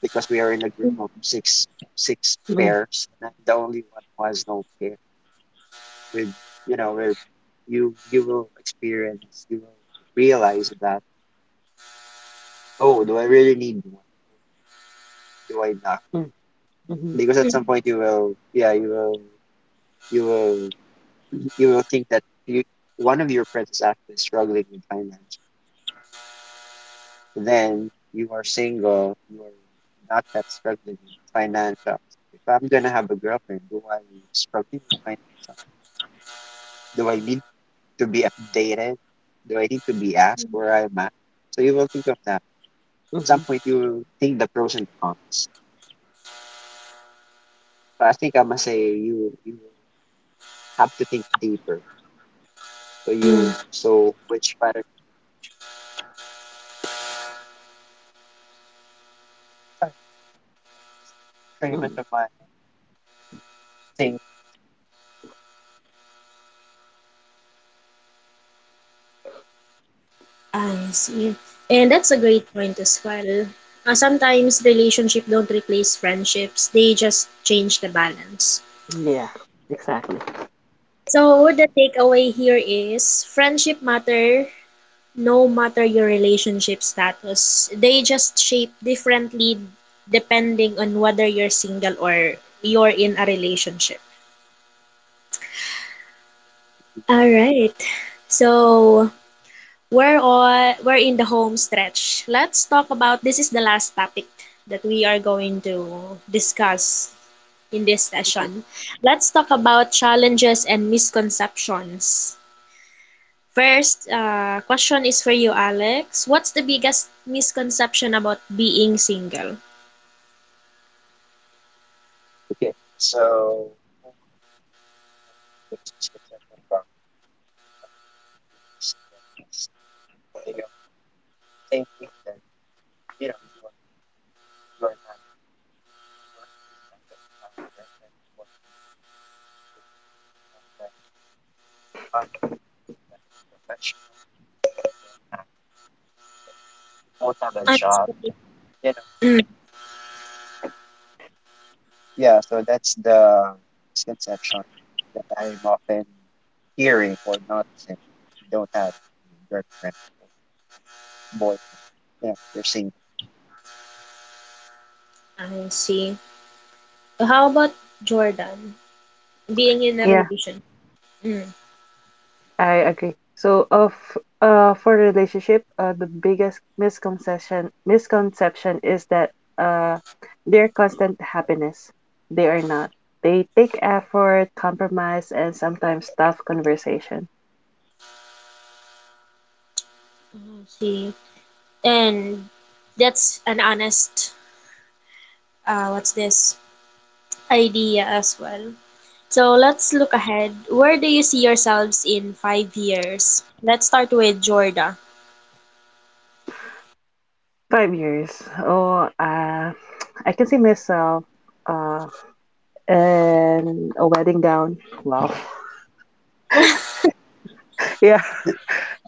[SPEAKER 2] because we are in a group
[SPEAKER 1] Mm,
[SPEAKER 2] of six
[SPEAKER 3] Mm,
[SPEAKER 2] pairs and I'm the only one who has no pair. With, you know, where you will experience, you will realize that, oh, do I really need one, do I not,
[SPEAKER 3] mm, mm-hmm.
[SPEAKER 2] because at
[SPEAKER 1] mm,
[SPEAKER 2] some point, you will, yeah, you will you will you will think that you, one of your friends is actually struggling with finance, then you are single, you are not that struggling with finance. If I'm gonna have a girlfriend, do I struggle with finance? Do I need to be updated, do I need to be asked where I'm at, so you will think of that, some
[SPEAKER 3] Mm.
[SPEAKER 2] point you will think the pros and cons. But I think I must say you have to think deeper. So, you,
[SPEAKER 1] mm.
[SPEAKER 2] so which better, pretty much
[SPEAKER 3] Mm.
[SPEAKER 2] of my thing.
[SPEAKER 1] I see. And that's a great point as well. Sometimes relationships don't replace friendships; they just change the balance.
[SPEAKER 3] Yeah. Exactly.
[SPEAKER 1] So the takeaway here is friendship matter no matter your relationship status. They just shape differently depending on whether you're single or you're in a relationship. All right. So we're in the home stretch. Let's talk about this is the last topic that we are going to discuss in this
[SPEAKER 2] Okay.
[SPEAKER 1] session. Let's talk about challenges and misconceptions. First, question is for you, Alex. What's the biggest misconception about being single?
[SPEAKER 2] Okay. So, you know, thinking that, you know, you are not working, that what, you are not professional, you are not, you don't have a
[SPEAKER 1] I'm
[SPEAKER 2] job,
[SPEAKER 1] sorry.
[SPEAKER 2] you know.
[SPEAKER 1] Mm,
[SPEAKER 2] Yeah, so that's the misconception that I'm often hearing or noticing. You don't have a girlfriend or boyfriend. Yeah, you're single.
[SPEAKER 1] I see. How about Jordan? Being in a
[SPEAKER 3] Yeah,
[SPEAKER 1] relation. Mm,
[SPEAKER 3] I agree. So of for relationship, the biggest misconception is that uh they're constant happiness. They are not. They take effort, compromise, and sometimes tough conversation.
[SPEAKER 1] I see. And that's an honest, uh, what's this, idea as well. So let's look ahead. Where do you see yourselves in 5 years? Let's start with Jordan.
[SPEAKER 3] 5 years. Oh, uh, I can see myself uh, in a wedding gown. Wow. *laughs* Yeah.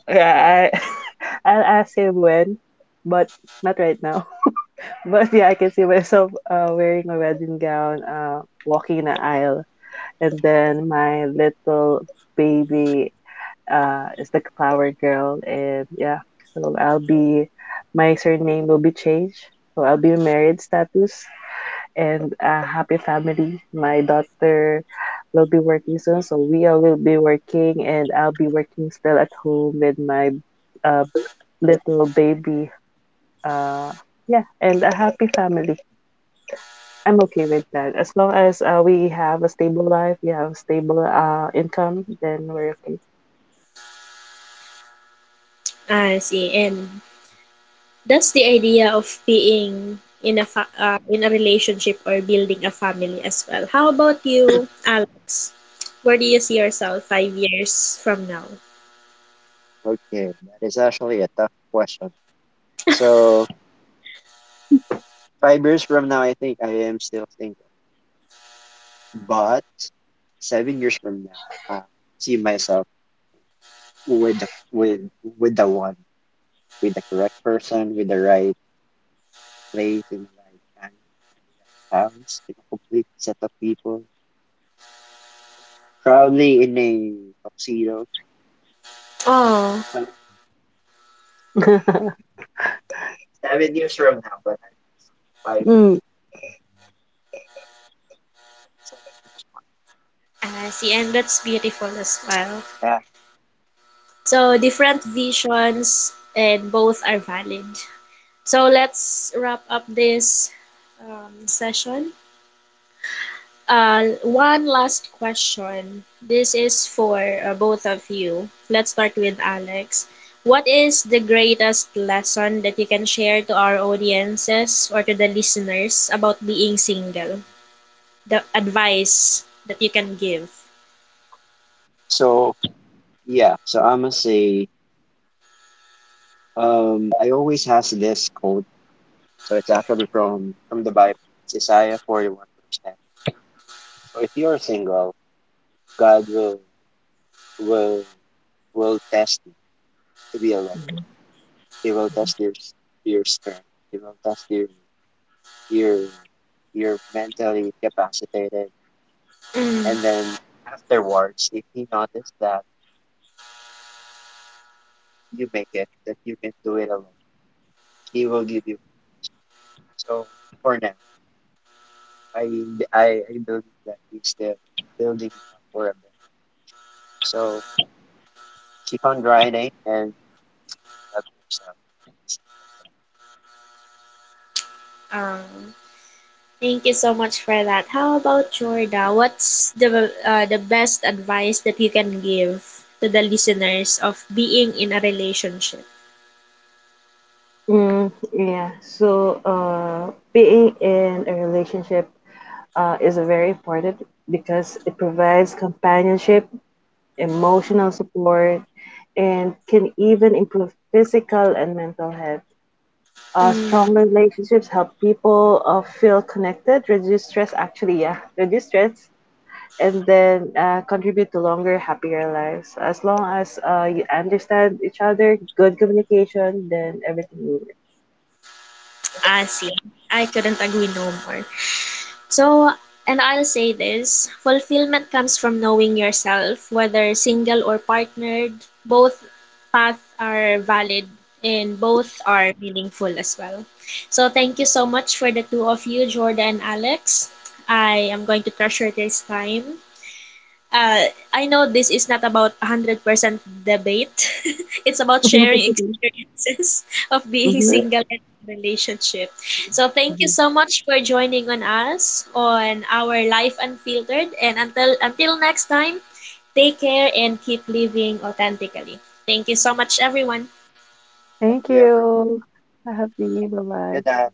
[SPEAKER 3] Yeah. *laughs* I'll ask him when, but not right now. *laughs* But yeah, I can see myself wearing a wedding gown, walking in the aisle, and then my little baby is the flower girl, and yeah, so I'll be my surname will be changed, so I'll be married status. And a happy family. My daughter will be working soon, so we all will be working, and I'll be working still at home with my uh, little baby. Uh, yeah, and a happy family. I'm okay with that. As long as we have a stable life, we have stable income, then we're okay.
[SPEAKER 1] I see. And That's the idea of being in a in a relationship or building a family as well. How about you, Alex? Where do you see yourself 5 years from now?
[SPEAKER 2] Okay, that is actually a tough question. So 5 years from now, I think I am still single. But 7 years from now, I see myself with the- with with the one, with the correct person, with the right place in the right time, in the right house, in a complete set of people. Probably in a tuxedo.
[SPEAKER 1] Oh,
[SPEAKER 2] Um,
[SPEAKER 3] *laughs*
[SPEAKER 2] 7 years from now, but I'm five.
[SPEAKER 3] Mm.
[SPEAKER 2] 7 years
[SPEAKER 1] I see, and that's beautiful as well.
[SPEAKER 2] from now. Yeah.
[SPEAKER 1] So different visions, and both are valid. So let's wrap up this session. One last question. This is for both of you. Let's start with Alex. What is the greatest lesson that you can share to our audiences or to the listeners about being single? The advice that you can give.
[SPEAKER 2] So yeah. So I'ma say I always has this quote. So it's actually from the Bible. It's Isaiah 41 verse 10. So if you're single, God will will test you to be alone.
[SPEAKER 3] Mhm.
[SPEAKER 2] He will test your strength. He will test your your mentally capacitated.
[SPEAKER 1] Mm,
[SPEAKER 2] And then afterwards, if he noticed that you make it, that you can do it alone. He will give you. So for now, I I believe that he's still building you up for a bit. So keep on grinding and love yourself.
[SPEAKER 1] um, thank you so much for that. How about Jorda? What's the best advice that you can give to the listeners of being in a relationship?
[SPEAKER 3] Mm, yeah. So, being in a relationship, is very important because it provides companionship emotional support, and can even improve physical and mental health.
[SPEAKER 1] Mm.
[SPEAKER 3] Strong relationships help people feel connected, reduce stress, actually, yeah, *laughs* reduce stress, and then contribute to longer, happier lives. As long as you understand each other, good communication, then everything will work.
[SPEAKER 1] I see. I couldn't agree no more. So, and I'll say this fulfillment comes from knowing yourself, whether single or partnered, both paths are valid and both are meaningful as well. So, thank you so much for the two of you, Jordan and Alex. I am going to treasure this time. I know this is not about 100% debate. *laughs* It's about sharing
[SPEAKER 3] *laughs*
[SPEAKER 1] experiences *laughs* of being
[SPEAKER 2] Yeah.
[SPEAKER 3] Hmm.
[SPEAKER 1] single and in relationship. So thank you
[SPEAKER 3] Hmm.
[SPEAKER 1] so much for joining on us on our Life Unfiltered and until next time, take care and keep living authentically. Thank you so much everyone.
[SPEAKER 2] Thank
[SPEAKER 3] Thank
[SPEAKER 2] you, everyone.
[SPEAKER 3] you. Happy. Bye
[SPEAKER 2] Good
[SPEAKER 3] bye.
[SPEAKER 2] night.